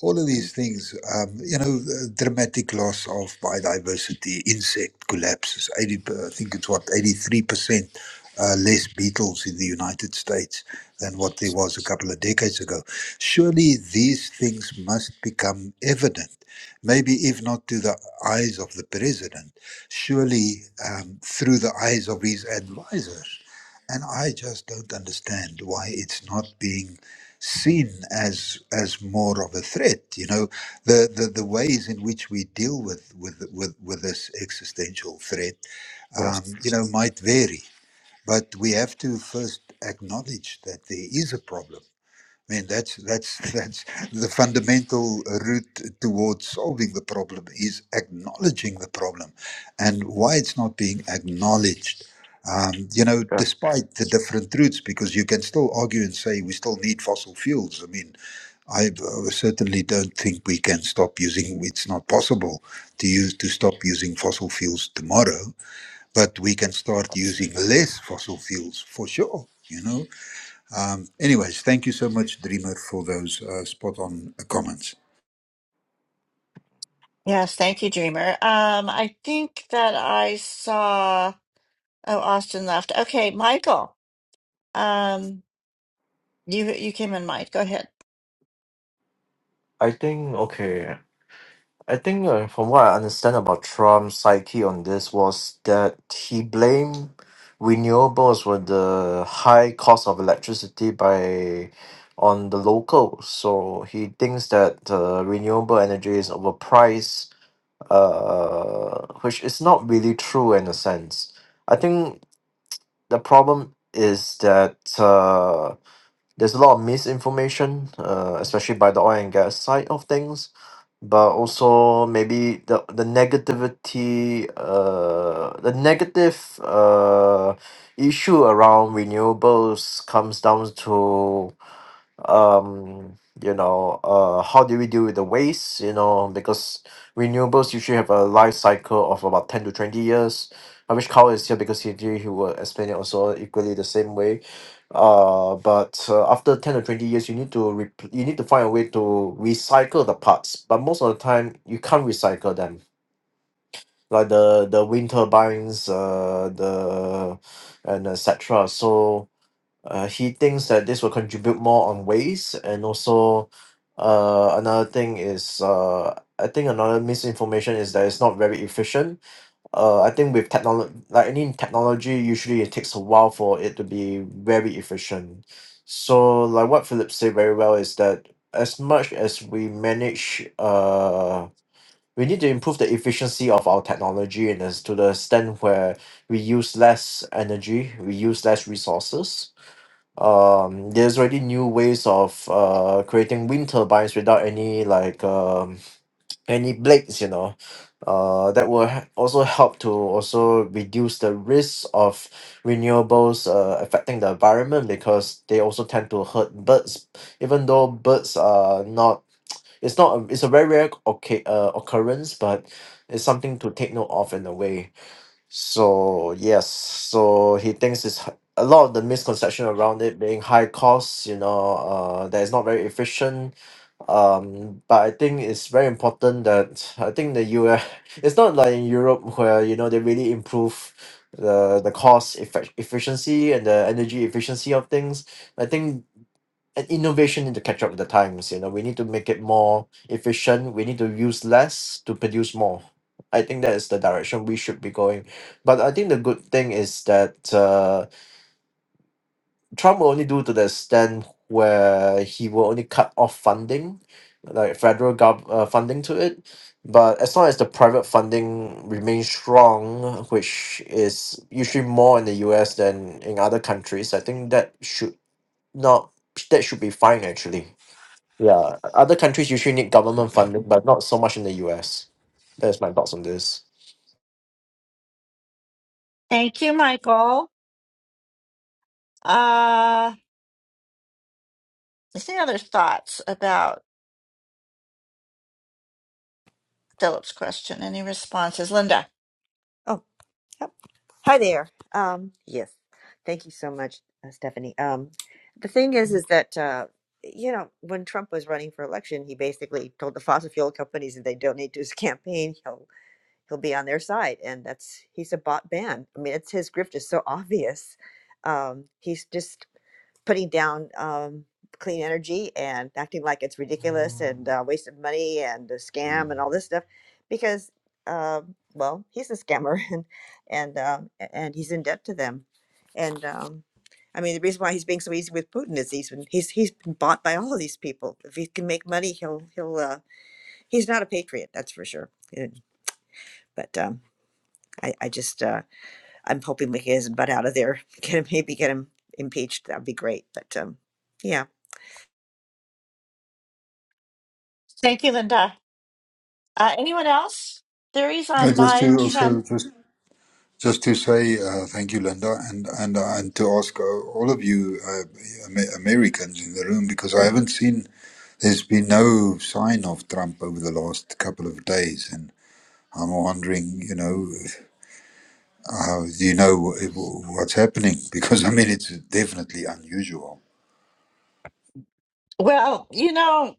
[SPEAKER 4] all of these things, um, you know, the dramatic loss of biodiversity, insect collapses, 80, per- I think it's what, 83% uh, less beetles in the United States than what there
[SPEAKER 7] yes.
[SPEAKER 4] was a couple of decades ago. Surely these things must become evident, maybe if not to the eyes of the president, surely um, through the eyes of his advisors and I just don't understand why it's not being seen as as more of a threat. You know, the the, the ways in which we deal with with with, with this existential threat,
[SPEAKER 7] Yes.
[SPEAKER 4] um, you know, might vary, but we have to first acknowledge that there is a problem mean, that's that's that's the fundamental route towards solving the problem is acknowledging the problem, and why it's not being acknowledged. Um, you know,
[SPEAKER 7] Yeah.
[SPEAKER 4] despite the different routes, because you can still argue and say we still need fossil fuels. I mean, I uh, certainly don't think we can stop using. It's not possible to use to stop using fossil fuels tomorrow, but we can start using less fossil fuels for sure. You know um, anyways, thank you so much, Dreamer, for those uh, spot on uh, comments.
[SPEAKER 1] Yes, thank you, Dreamer. Um, I think that I saw. Oh, Austin left. Okay, Michael. Um, You you came in mind. Go ahead.
[SPEAKER 7] I think okay. I think uh, from what I understand about Trump's psyche on this was that he blamed renewables with the high cost of electricity by on the locals. So he thinks that uh, renewable energy is overpriced, uh, which is not really true in a sense. I think the problem is that. Uh, there's a lot of misinformation, uh, especially by the oil and gas side of things, but also maybe the the negativity, uh, the negative uh, issue around renewables comes down to um you know uh how do we deal with the waste you know because renewables usually have a life cycle of about 10 to 20 years i wish carl is here because he he will explain it also equally the same way uh but uh, after 10 to 20 years you need to re you need to find a way to recycle the parts but most of the time you can't recycle them like the the wind turbines uh the and etc so uh, he thinks that this will contribute more on waste, and also uh, another thing is uh, I think another misinformation is that it's not very efficient. Uh, I think with technology, like any technology, usually it takes a while for it to be very efficient. So, like what Philip said very well is that as much as we manage, uh, we need to improve the efficiency of our technology, and as to the extent where we use less energy, we use less resources um there's already new ways of uh creating wind turbines without any like um any blades you know uh that will he- also help to also reduce the risk of renewables uh affecting the environment because they also tend to hurt birds even though birds are not it's not a, it's a very rare okay uh, occurrence but it's something to take note of in a way so yes, so he thinks it's h- a lot of the misconception around it being high cost, you know, uh, that it's not very efficient. Um, but I think it's very important that I think the US, it's not like in Europe where you know they really improve the the cost effect efficiency and the energy efficiency of things. I think an innovation need to catch up with the times. You know, we need to make it more efficient. We need to use less to produce more. I think that is the direction we should be going. But I think the good thing is that uh, Trump will only do to the extent where he will only cut off funding, like federal gov- uh, funding to it. But as long as the private funding remains strong, which is usually more in the U.S. than in other countries, I think that should not that should be fine actually. Yeah, other countries usually need government funding, but not so much in the US. That's my thoughts on this.
[SPEAKER 1] Thank you, Michael. Uh, is there any other thoughts about Philip's question? Any responses? Linda.
[SPEAKER 5] Oh, yep. hi there. Um, yes, thank you so much, uh, Stephanie. Um, the thing is, is that uh, you know, when Trump was running for election, he basically told the fossil fuel companies that they donate to his campaign. he'll be on their side and that's he's a bought man i mean it's his grift is so obvious um, he's just putting down um, clean energy and acting like it's ridiculous and uh, waste of money and a scam and all this stuff because uh, well he's a scammer and and um, a- and he's in debt to them and um, I mean the reason why he's being so easy with Putin is he's been, he's he's been bought by all of these people if he can make money he'll he'll uh, he's not a patriot that's for sure And- but um, I, I just uh, I'm hoping we get his butt out of there. Get him, maybe get him impeached. That'd be great. But um, yeah.
[SPEAKER 1] Thank you, Linda. Uh, anyone else? Theories
[SPEAKER 4] Uh,
[SPEAKER 1] on
[SPEAKER 4] just
[SPEAKER 1] why
[SPEAKER 4] to
[SPEAKER 1] Trump?
[SPEAKER 4] also just just to say uh, thank you, Linda, and and uh, and to ask uh, all of you uh, Am- Americans in the room because I haven't seen there's been no sign of Trump over the last couple of days, and I'm wondering, you know, uh, do you know wh- what's happening? Because I mean, it's definitely unusual.
[SPEAKER 1] Well, you know,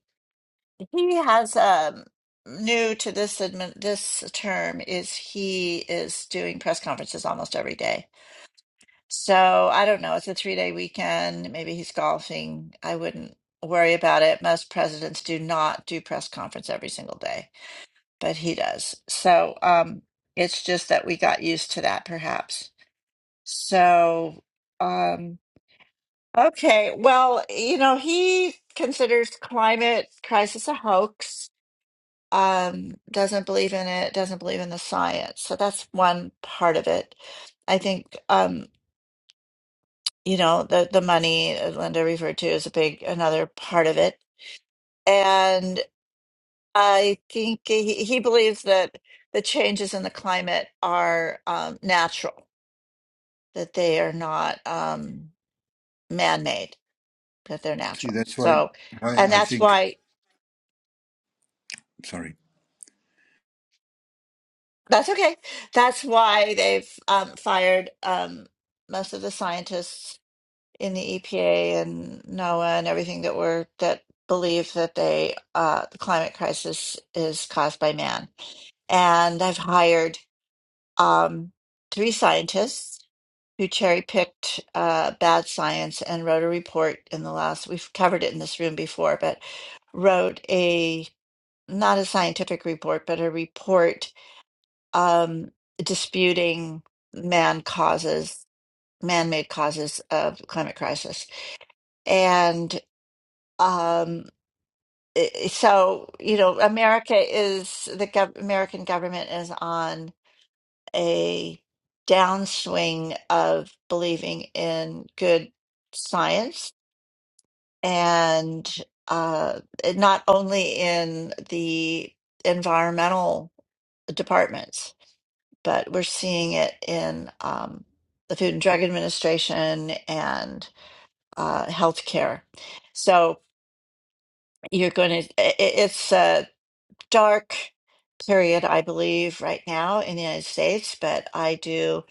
[SPEAKER 1] he has um, new to this admin, this term is he is doing press conferences almost every day. So I don't know. It's a three day weekend. Maybe he's golfing. I wouldn't worry about it. Most presidents do not do press conference every single day, but he does. So um, it's just that we got used to that, perhaps. So, um, okay. Well, you know, he considers climate crisis a hoax. Um, doesn't believe in it, doesn't believe in the science. So that's one part of it. I think. Um, you know the the money uh, Linda referred to is a big another part of it, and I think he, he believes that the changes in the climate are um, natural, that they are not um, man made, that they're
[SPEAKER 4] See,
[SPEAKER 1] natural.
[SPEAKER 4] that's why
[SPEAKER 1] So,
[SPEAKER 4] why
[SPEAKER 1] and
[SPEAKER 4] I
[SPEAKER 1] that's
[SPEAKER 4] think.
[SPEAKER 1] why
[SPEAKER 4] Sorry.
[SPEAKER 1] that's okay. That's why they've um, fired um, most of the scientists in the EPA and NOAA and everything that were that believe that they uh, the climate crisis is caused by man. And I've hired um, three scientists who cherry picked uh, bad science and wrote a report in the last. We've covered it in this room before, but wrote a not a scientific report, but a report um, disputing man causes, man-made causes of climate crisis um, i- so, you know, America is the gov American government is on a downswing of believing in good science and uh, not only in the environmental departments, but we're seeing it in um, the Food and Drug Administration and uh, healthcare. So you're going to, it's uh, dark period, I believe, right now in the United States, but I do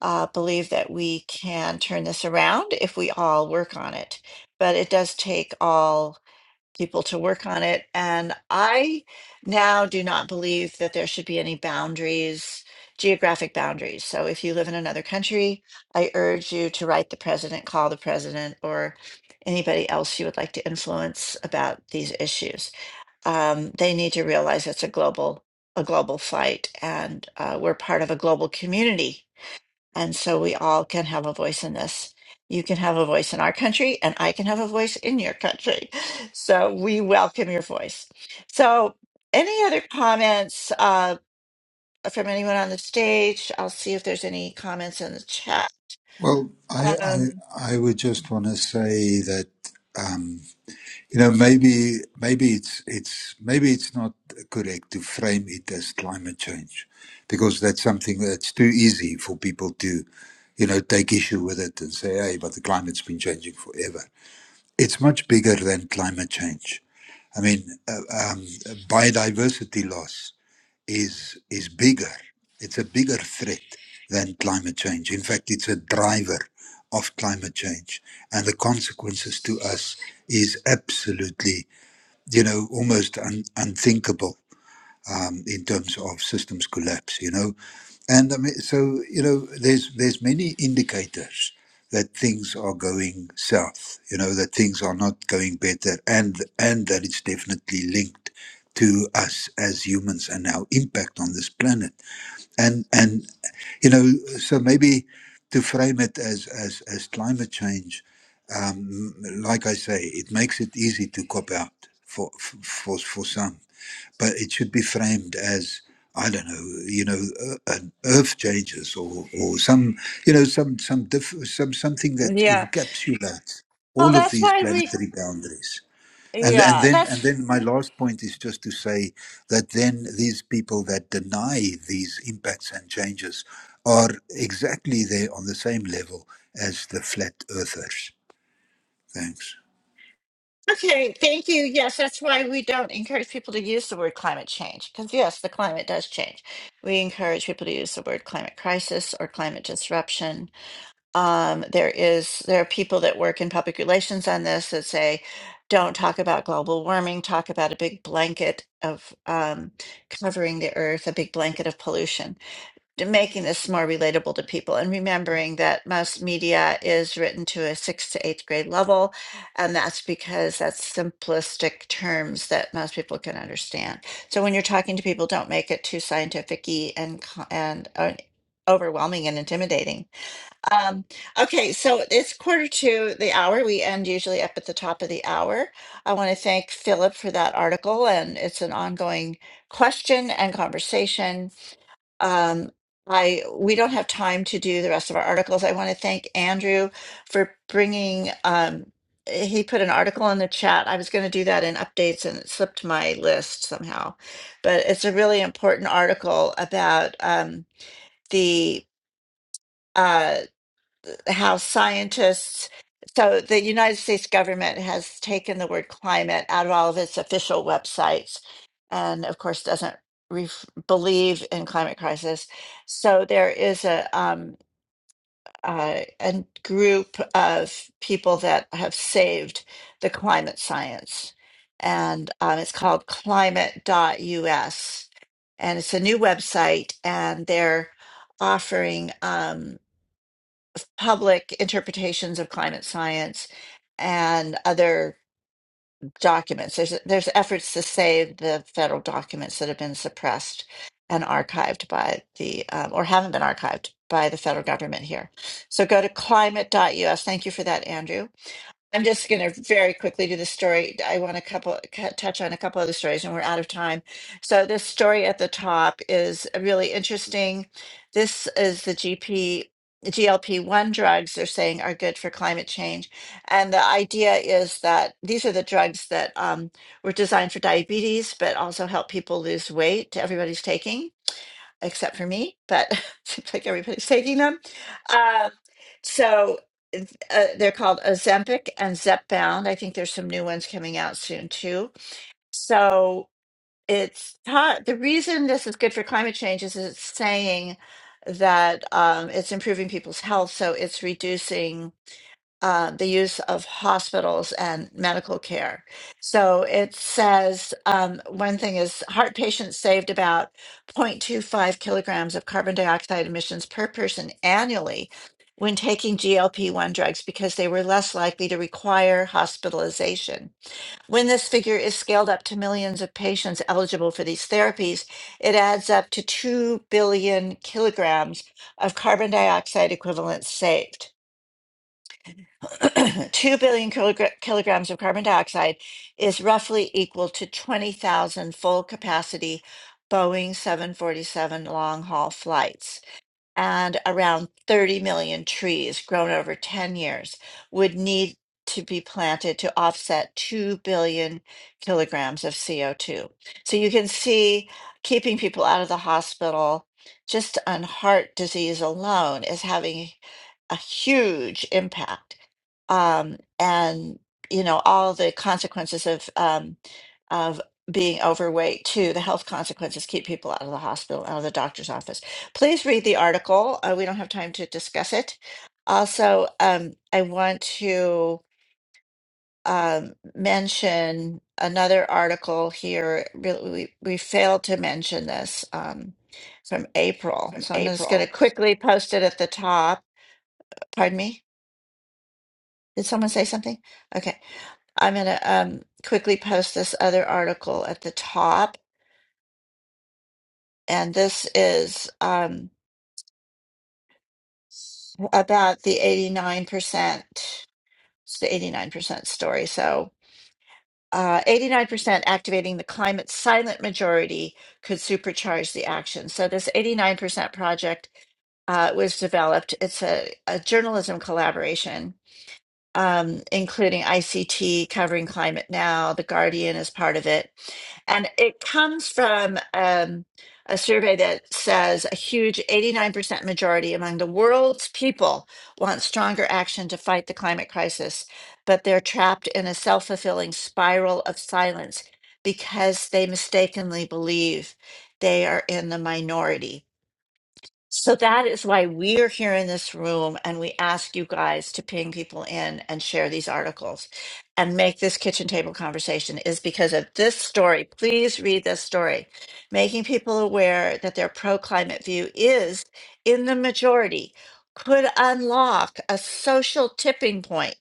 [SPEAKER 1] uh, believe that we can turn this around if we all work on it. But it does take all people to work on it. And I now do not believe that there should be any boundaries, geographic boundaries. So if you live in another country, I urge you to write the president, call the president, or anybody else you would like to influence about these issues um, they need to realize it's a global a global fight, and uh, we're part of a global community, and so we all can have a voice in this. You can have a voice in our country, and I can have a voice in your country. So we welcome your voice. So, any other comments uh, from anyone on the stage? I'll see if there's any comments in the chat.
[SPEAKER 4] Well, I,
[SPEAKER 1] Um,
[SPEAKER 4] I I would just want to say that um, you know maybe maybe it's it's maybe it's not correct to frame it as climate change because that's something that's too easy for people to you know take issue with it and say hey but the climate's been changing forever. It's much bigger than climate change. I mean uh, um, biodiversity loss is is bigger. It's a bigger threat than climate change. In fact, it's a driver of climate change, and the consequences to us is absolutely, you know, almost un- unthinkable um, in terms of systems collapse, you know. And I mean, so you know, there's there's many indicators that things are going south, you know, that things are not going better, and and that it's definitely linked to us as humans and our impact on this planet. And and you know, so maybe to frame it as as as climate change, um, like I say, it makes it easy to cop out for for for some but it should be framed as I don't know, you know, uh, an earth changes or or some, you know, some some diff- some something that
[SPEAKER 1] yeah.
[SPEAKER 4] encapsulates
[SPEAKER 1] Well,
[SPEAKER 4] all of
[SPEAKER 1] that's
[SPEAKER 4] these
[SPEAKER 1] why we.
[SPEAKER 4] planetary boundaries. And and
[SPEAKER 1] Yeah,
[SPEAKER 4] then
[SPEAKER 1] that's.
[SPEAKER 4] and then my last point is just to say that then these people that deny these impacts and changes are exactly there on the same level as the flat earthers. Thanks.
[SPEAKER 1] Okay, thank you. Yes, that's why we don't encourage people to use the word climate change, because yes, the climate does change. We encourage people to use the word climate crisis or climate disruption. Um, there is there are people that work in public relations on this that say, don't talk about global warming, talk about a big blanket of um, covering the earth, a big blanket of pollution to making this more relatable to people and remembering that most media is written to a sixth to eighth grade level. And that's because that's simplistic terms that most people can understand. So when you're talking to people, don't make it too scientific y and, co- and uh, overwhelming and intimidating. Um, okay, so it's quarter to the hour. We end usually up at the top of the hour. I want to thank Philip for that article, and it's an ongoing question and conversation um, I we don't have time to do the rest of our articles. I want to thank Andrew for bringing. Um, he put an article in the chat. I was going to do that in updates, and it slipped my list somehow. But it's a really important article about um, the. uh, how scientists so the United States government has taken the word climate out of all of its official websites and of course doesn't ref believe in climate crisis. So there is a um uh, a group of people that have saved the climate science and um, it's called climate.us and it's a new website and they're offering Um, public interpretations of climate science and other documents. There's there's efforts to save the federal documents that have been suppressed and archived by the um, or haven't been archived by the federal government here. So go to climate.us. Thank you for that, Andrew I'm just going to very quickly do the story. I want a couple ca- touch on a couple other stories, and we're out of time. So this story at the top is really interesting. This is the GP GLP-1 drugs they're saying are good for climate change, and the idea is that these are the drugs that um, were designed for diabetes, but also help people lose weight. Everybody's taking except for me, but seems like everybody's taking them. Um, so it's, uh, they're called Ozempic and Zepbound. I think there's some new ones coming out soon too. So it's ta- the reason this is good for climate change is it's saying that um, it's improving people's health, so it's reducing uh, the use of hospitals and medical care. So it says um, one thing is heart patients saved about 0.25 kilograms of carbon dioxide emissions per person annually when taking GLP 1 drugs because they were less likely to require hospitalization. When this figure is scaled up to millions of patients eligible for these therapies, it adds up to 2 billion kilograms of carbon dioxide equivalents saved. 2 billion kilogra- kilograms of carbon dioxide is roughly equal to 20,000 full capacity Boeing 747 long haul flights and around 30 million trees grown over 10 years would need to be planted to offset 2 billion kilograms of CO2. So you can see keeping people out of the hospital just on heart disease alone is having a huge impact. Um, and, you know, all the consequences of, um, of being overweight too, the health consequences keep people out of the hospital, out of the doctor's office Please read the article. Uh, we don't have time to discuss it. Also, um, I want to um, mention another article here. Really, we, we failed to mention this um, from April. So I'm just going to quickly post it at the top. Pardon me? Did someone say something? Okay. I'm going to um, quickly post this other article at the top. And this is um, about the 89%. It's the 89% story. So, uh, 89% activating the climate silent majority could supercharge the action. So, this 89% project uh, was developed. It's a, a journalism collaboration um, including ICT covering climate now. The Guardian is part of it. And it comes from um, a survey that says a huge 89% majority among the world's people want stronger action to fight the climate crisis, but they're trapped in a self fulfilling spiral of silence because they mistakenly believe they are in the minority. So that is why we're here in this room and we ask you guys to ping people in and share these articles and make this kitchen table conversation is because of this story. Please read this story. Making people aware that their pro climate view is in the majority could unlock a social tipping point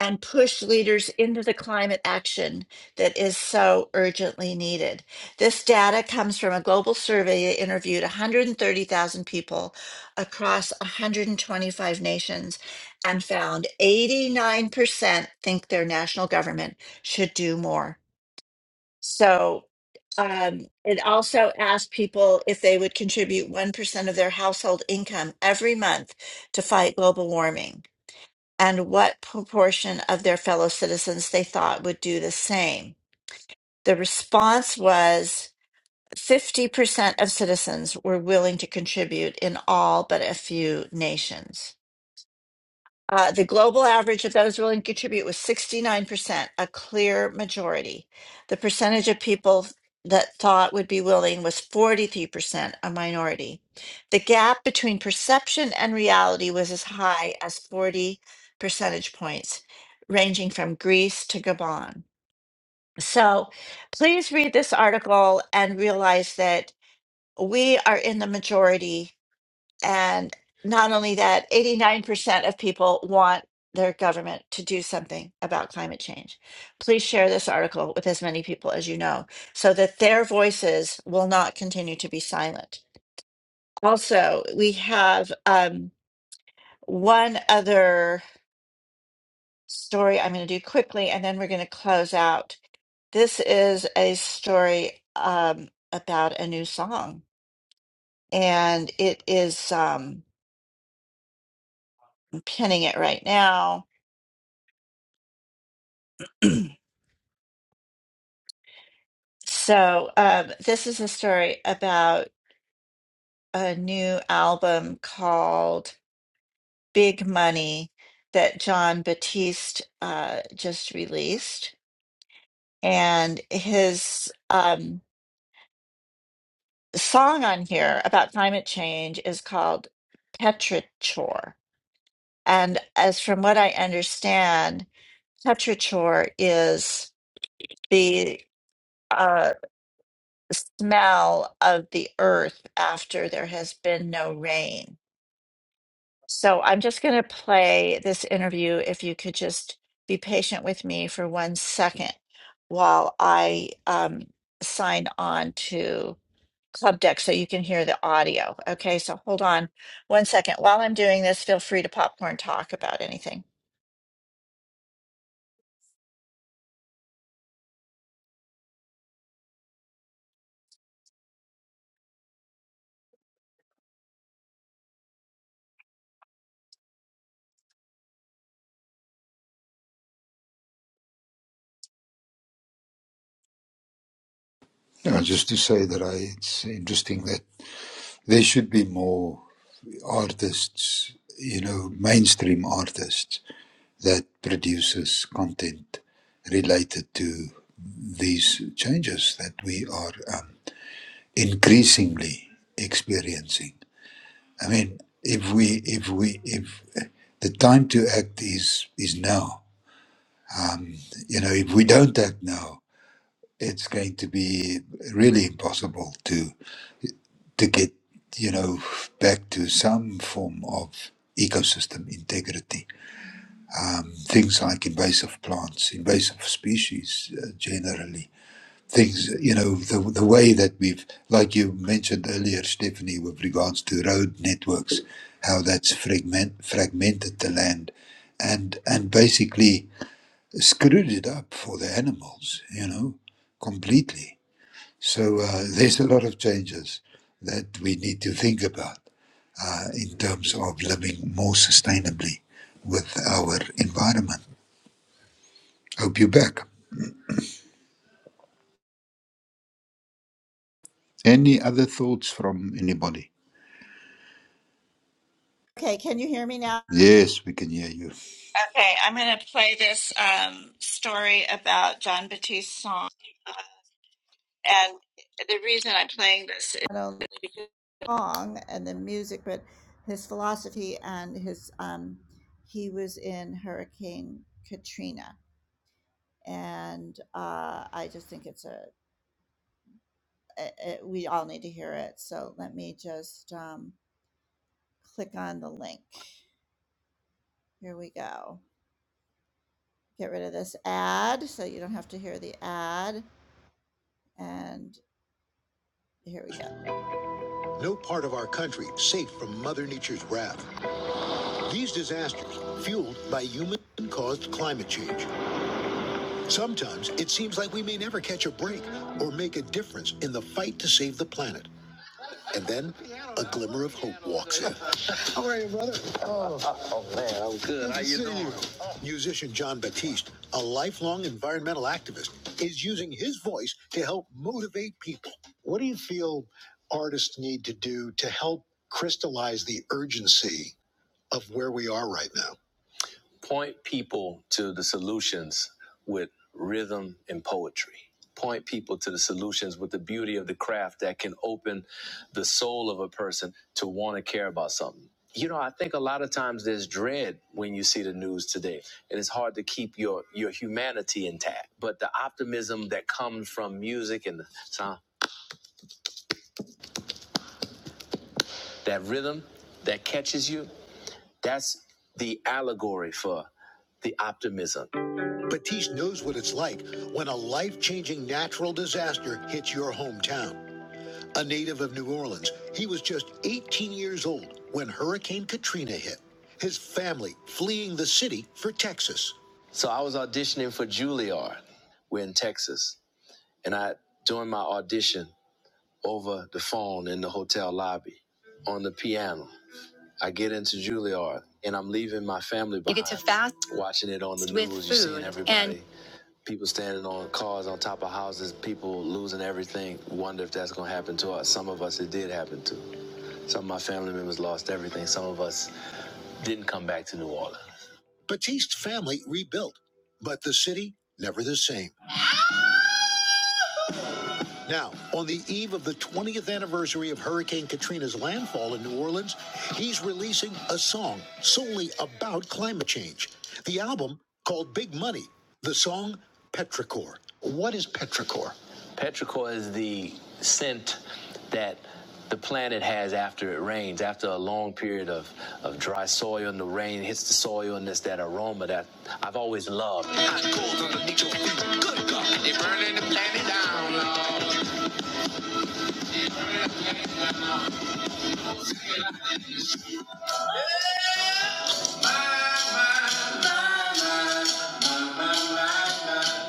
[SPEAKER 1] and push leaders into the climate action that is so urgently needed. This data comes from a global survey that interviewed 130,000 people across 125 nations and found 89% think their national government should do more. So um, it also asked people if they would contribute 1% of their household income every month to fight global warming and what proportion of their fellow citizens they thought would do the same. The response was 50% of citizens were willing to contribute in all but a few nations. Uh, the global average of those willing to contribute was 69%, a clear majority. The percentage of people that thought would be willing was 43%, a minority. The gap between perception and reality was as high as 40 percentage points, ranging from Greece to Gabon. So please read this article and realize that we are in the majority and not only that, 89% of people want their government to do something about climate change. Please share this article with as many people as you know so that their voices will not continue to be silent. Also, we have um, one other story I'm going to do quickly and then we're going to close out. This is a story um, about a new song, and it is um, I'm pinning it right now. So, um, this is a story about a new album called Big Money that John Batiste uh, just released. And his um, song on here about climate change is called Petrichor. And as from what I understand, petrichor is the uh, smell of the earth after there has been no rain. So I'm just going to play this interview. If you could just be patient with me for one second while I um, sign on to Club Deck so you can hear the audio. Okay, so hold on one second. While I'm doing this, feel free to popcorn talk about anything.
[SPEAKER 4] Yeah, just to say that I, it's interesting that there should be more. artists, you know, mainstream artists that produces content related to these changes that we are um, increasingly experiencing. I mean, if we, if we, if the time to act is is now, you know, if we don't act now, it's going to be really impossible to to get you know back to some form of ecosystem integrity um, things like invasive plants, invasive species uh, generally. Things, you know, the, the way that we've, like you mentioned earlier, Stephanie, with regards to road networks, how that's fragment, fragmented the land and, and basically screwed it up for the animals, you know, completely. So uh, there's a lot of changes that we need to think about uh, in terms of living more sustainably with our environment. Hope you're back. Any other thoughts from anybody?
[SPEAKER 1] Okay, can you hear me now?
[SPEAKER 4] Yes, we can hear you.
[SPEAKER 1] Okay, I'm going to play this um, story about John Baptiste's song. And the reason I'm playing this is. song and the music, but his philosophy and his um, he was in Hurricane Katrina, and uh, I just think it's a, a, a we all need to hear it. So let me just um, click on the link. Here we go. Get rid of this ad so you don't have to hear the ad. And here we go. No part of our country safe from Mother Nature's wrath. These disasters, fueled by human caused climate change Sometimes it seems like we may never catch a break or make a difference in the fight to save the planet. And then a glimmer of hope walks in. How are you, brother? Oh, I'm good. How you. doing? Musician John Batiste, a lifelong environmental activist, is using his voice to help motivate people. What do you feel artists need to do to help crystallize the urgency of where we are right now? Point people to the solutions with rhythm and poetry. Point people to the solutions with the beauty of the craft that can open the soul of a person to want to care about something. You know, I think a lot of times there's dread when you see the news today, and it's hard to keep your your humanity intact. But the optimism that comes from music and the sound, that rhythm that catches you, that's the allegory for the optimism Batiste knows what it's like when a life changing natural disaster hits your hometown. A native of New Orleans, he was just 18 years old when Hurricane Katrina hit, his family fleeing the city for Texas. So I was auditioning for Juilliard. We're in Texas. And I, during my audition over the phone in the hotel lobby on the piano, I get into Juilliard and I'm leaving my family behind. You get to fast. Watching it on the with news, you're seeing food, everybody. and People standing on cars on top of houses, people losing everything. Wonder if that's gonna happen to us. Some of us it did happen to. Some of my family members lost everything. Some of us didn't come back to New Orleans. Batiste's family rebuilt, but the city never the same. Now, on the eve of the 20th anniversary of Hurricane Katrina's landfall in New Orleans, he's releasing a song solely about climate change. The album, called Big Money, the song Petrichor. What is Petrichor? Petrichor is the scent that the planet has after it rains, after a long period of, of dry soil and the rain hits the soil and it's that aroma that I've always loved. Hot coals underneath your feet. Good God. They're burning the planet down, Lord.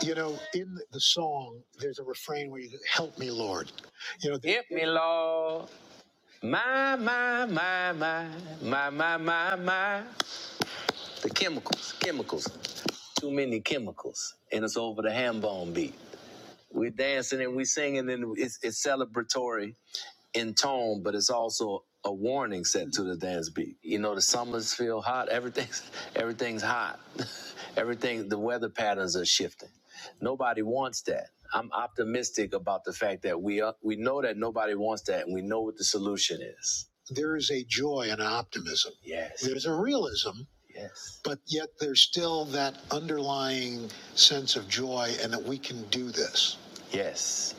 [SPEAKER 1] You know, in the song, there's a refrain where you go, help me, Lord. You know, help me, Lord. My, my, my, my, my, my, my, my. The chemicals, chemicals. Too many chemicals. And it's over the ham bone beat. We're dancing and we're singing and it's, it's celebratory. in tone, but it's also a warning set to the dance beat. You know, the summers feel hot. Everything's everything's hot. Everything. The weather patterns are shifting. Nobody wants that. I'm optimistic about the fact that we are, we know that nobody wants that, and we know what the solution is. There is a joy and an optimism. Yes. There's a realism. Yes. But yet there's still that underlying sense of joy and that we can do this. Yes.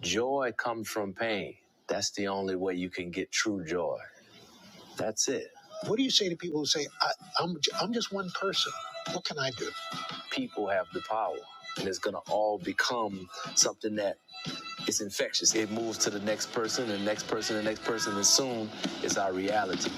[SPEAKER 1] Joy comes from pain. That's the only way you can get true joy. That's it. What do you say to people who say, I, I'm, i I'm just one person? What can I do? People have the power, and it's going to all become something that is infectious. It moves to the next person, the next person, the next person, and soon it's our reality.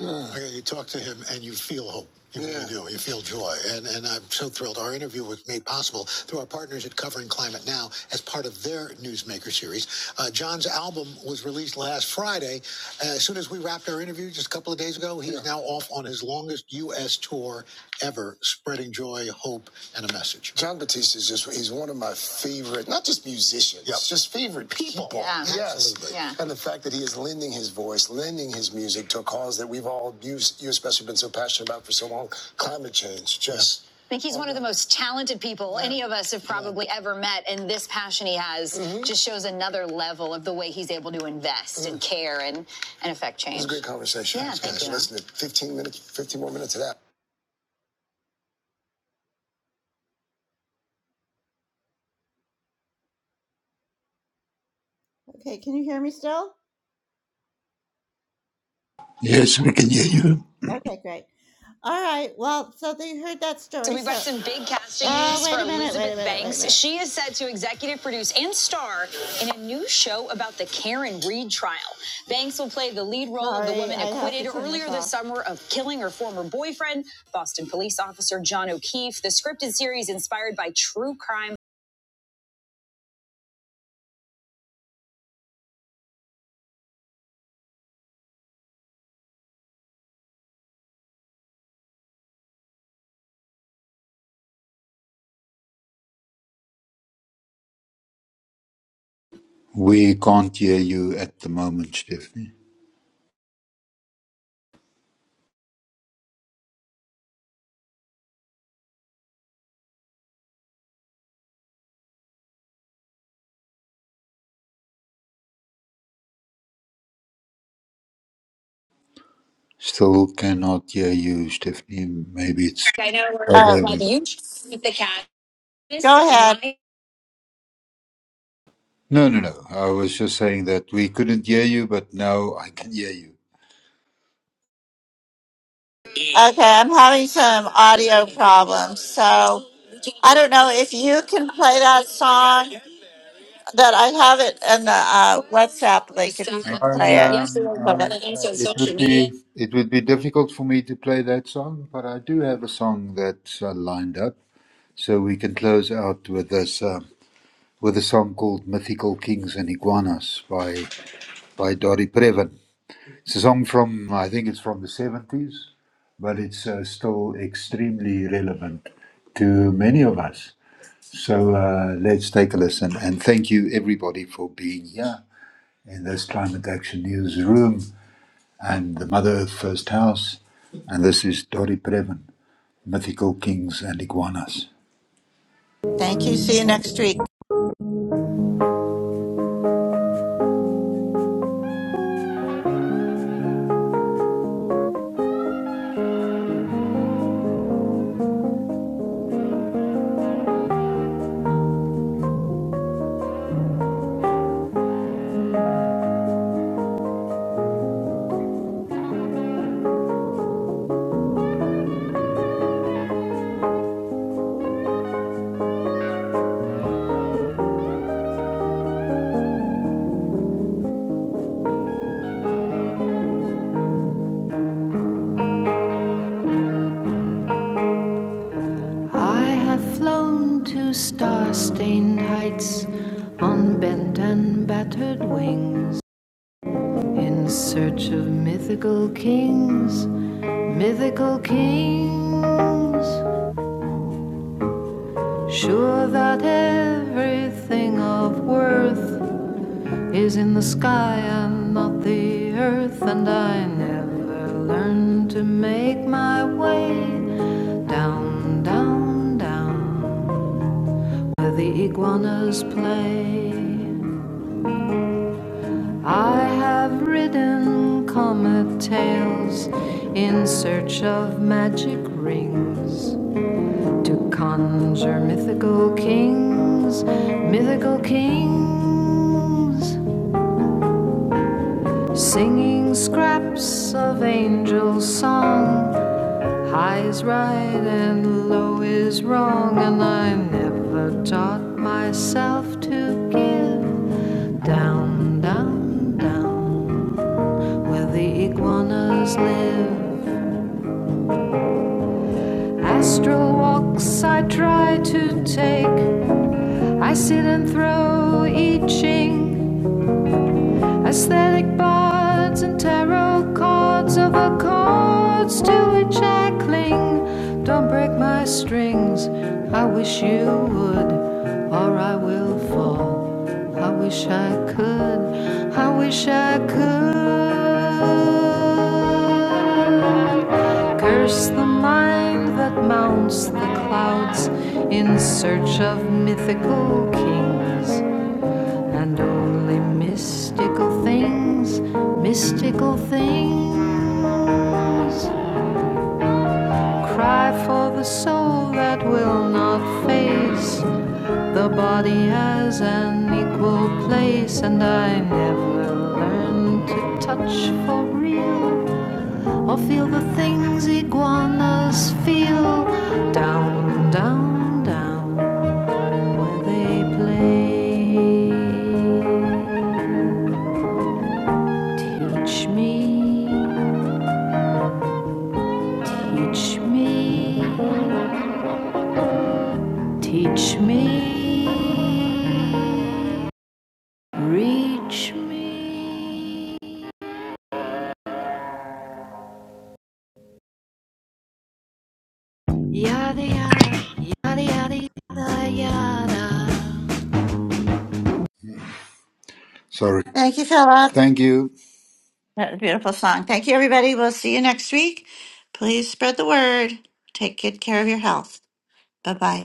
[SPEAKER 1] Like, you talk to him and you feel hope. You yeah. really do. You feel joy. And, and I'm so thrilled. Our interview was made possible through our partners at Covering Climate Now as part of their Newsmaker series. Uh, John's album was released last Friday. Uh, as soon as we wrapped our interview just a couple of days ago, he's yeah. now off on his longest U S U.S. tour ever, spreading joy, hope, and a message. John Batiste is just, he's one of my favorite, not just musicians, Yep. just favorite people. people. Yeah. Yes. Absolutely. Yeah. And the fact that he is lending his voice, lending his music to a cause that we've all, you, you especially, been so passionate about for so long climate change. Just, Yeah. I think he's one of the most talented people yeah. any of us have probably yeah. ever met, and this passion he has mm-hmm. just shows another level of the way he's able to invest mm-hmm. and care and and affect change. It was a great conversation. Yeah, It's thank good. you. Listen, to 15 minutes, 15 more minutes of that. Okay, can you hear me still?
[SPEAKER 4] Yes, we can hear you.
[SPEAKER 1] Okay, great. All right. Well, so they heard that story. So we've got so- some big casting Oh, news wait for a minute, Elizabeth wait a Elizabeth minute, Banks. wait a Banks. minute. She is set to executive produce and star in a new show about the Karen Reed trial. Banks will play the lead role Sorry, of the woman acquitted earlier this summer of killing her former boyfriend, Boston police officer John O'Keefe. The scripted series inspired by true crime.
[SPEAKER 4] We can't hear you at the moment, Stephanie. Still cannot hear you, Stephanie. Maybe it's.
[SPEAKER 1] I know we're
[SPEAKER 4] Oh,
[SPEAKER 1] Uh,
[SPEAKER 4] there we
[SPEAKER 1] with
[SPEAKER 4] go.
[SPEAKER 1] you with the cat. Go ahead.
[SPEAKER 4] No, no, no. I was just saying that we couldn't hear you, but now I can hear you.
[SPEAKER 1] Okay, I'm having some audio problems. So I don't know if you can play that song that I have it in the uh, WhatsApp link if you
[SPEAKER 4] I,
[SPEAKER 1] can play it.
[SPEAKER 4] um, I, uh, it would be it would be difficult for me to play that song, but I do have a song that's uh, lined up, so we can close out with this. Um, with a song called Mythical Kings and Iguanas by, by Dori Previn. It's a song from, I think it's from the 70s, but it's uh, still extremely relevant to many of us. So uh, let's take a listen and thank you everybody for being here in this Climate Action News room and the Mother Earth First House. And this is Dori Previn, Mythical Kings and Iguanas.
[SPEAKER 1] Thank you. See you next week.
[SPEAKER 10] I have flown to star stained heights on bent and battered wings in search of mythical kings, mythical kings. Sure that everything of worth is in the sky and not the earth, and I never learned to make my way down, down, down. The iguanas play. I have ridden comet tails in search of magic rings to conjure mythical kings, mythical kings, singing scraps of angel song. High is right and low is wrong, and I never taught myself to give. Down, down, down, where the iguanas live. Astral walks I try to take. I sit and throw I Ching, aesthetic bards and tarot cards of the chords to which I cling. Don't break my strings, I wish you would, or I will fall. I wish I could, I wish I could. Curse the mind that mounts the clouds in search of mythical kings and only mystical things, mystical things. Cry for the soul that will not face the body as an equal place, and I never learned to touch for real. Or feel the things iguanas feel down, down, down where they play. Teach me, teach me, teach me, reach me. Yada, yada, yada, yada, yada, yada.
[SPEAKER 4] Sorry.
[SPEAKER 1] Thank you, Philip.
[SPEAKER 4] Thank you.
[SPEAKER 1] That was a beautiful song. Thank you, everybody. We'll see you next week. Please spread the word. Take good care of your health. Bye bye.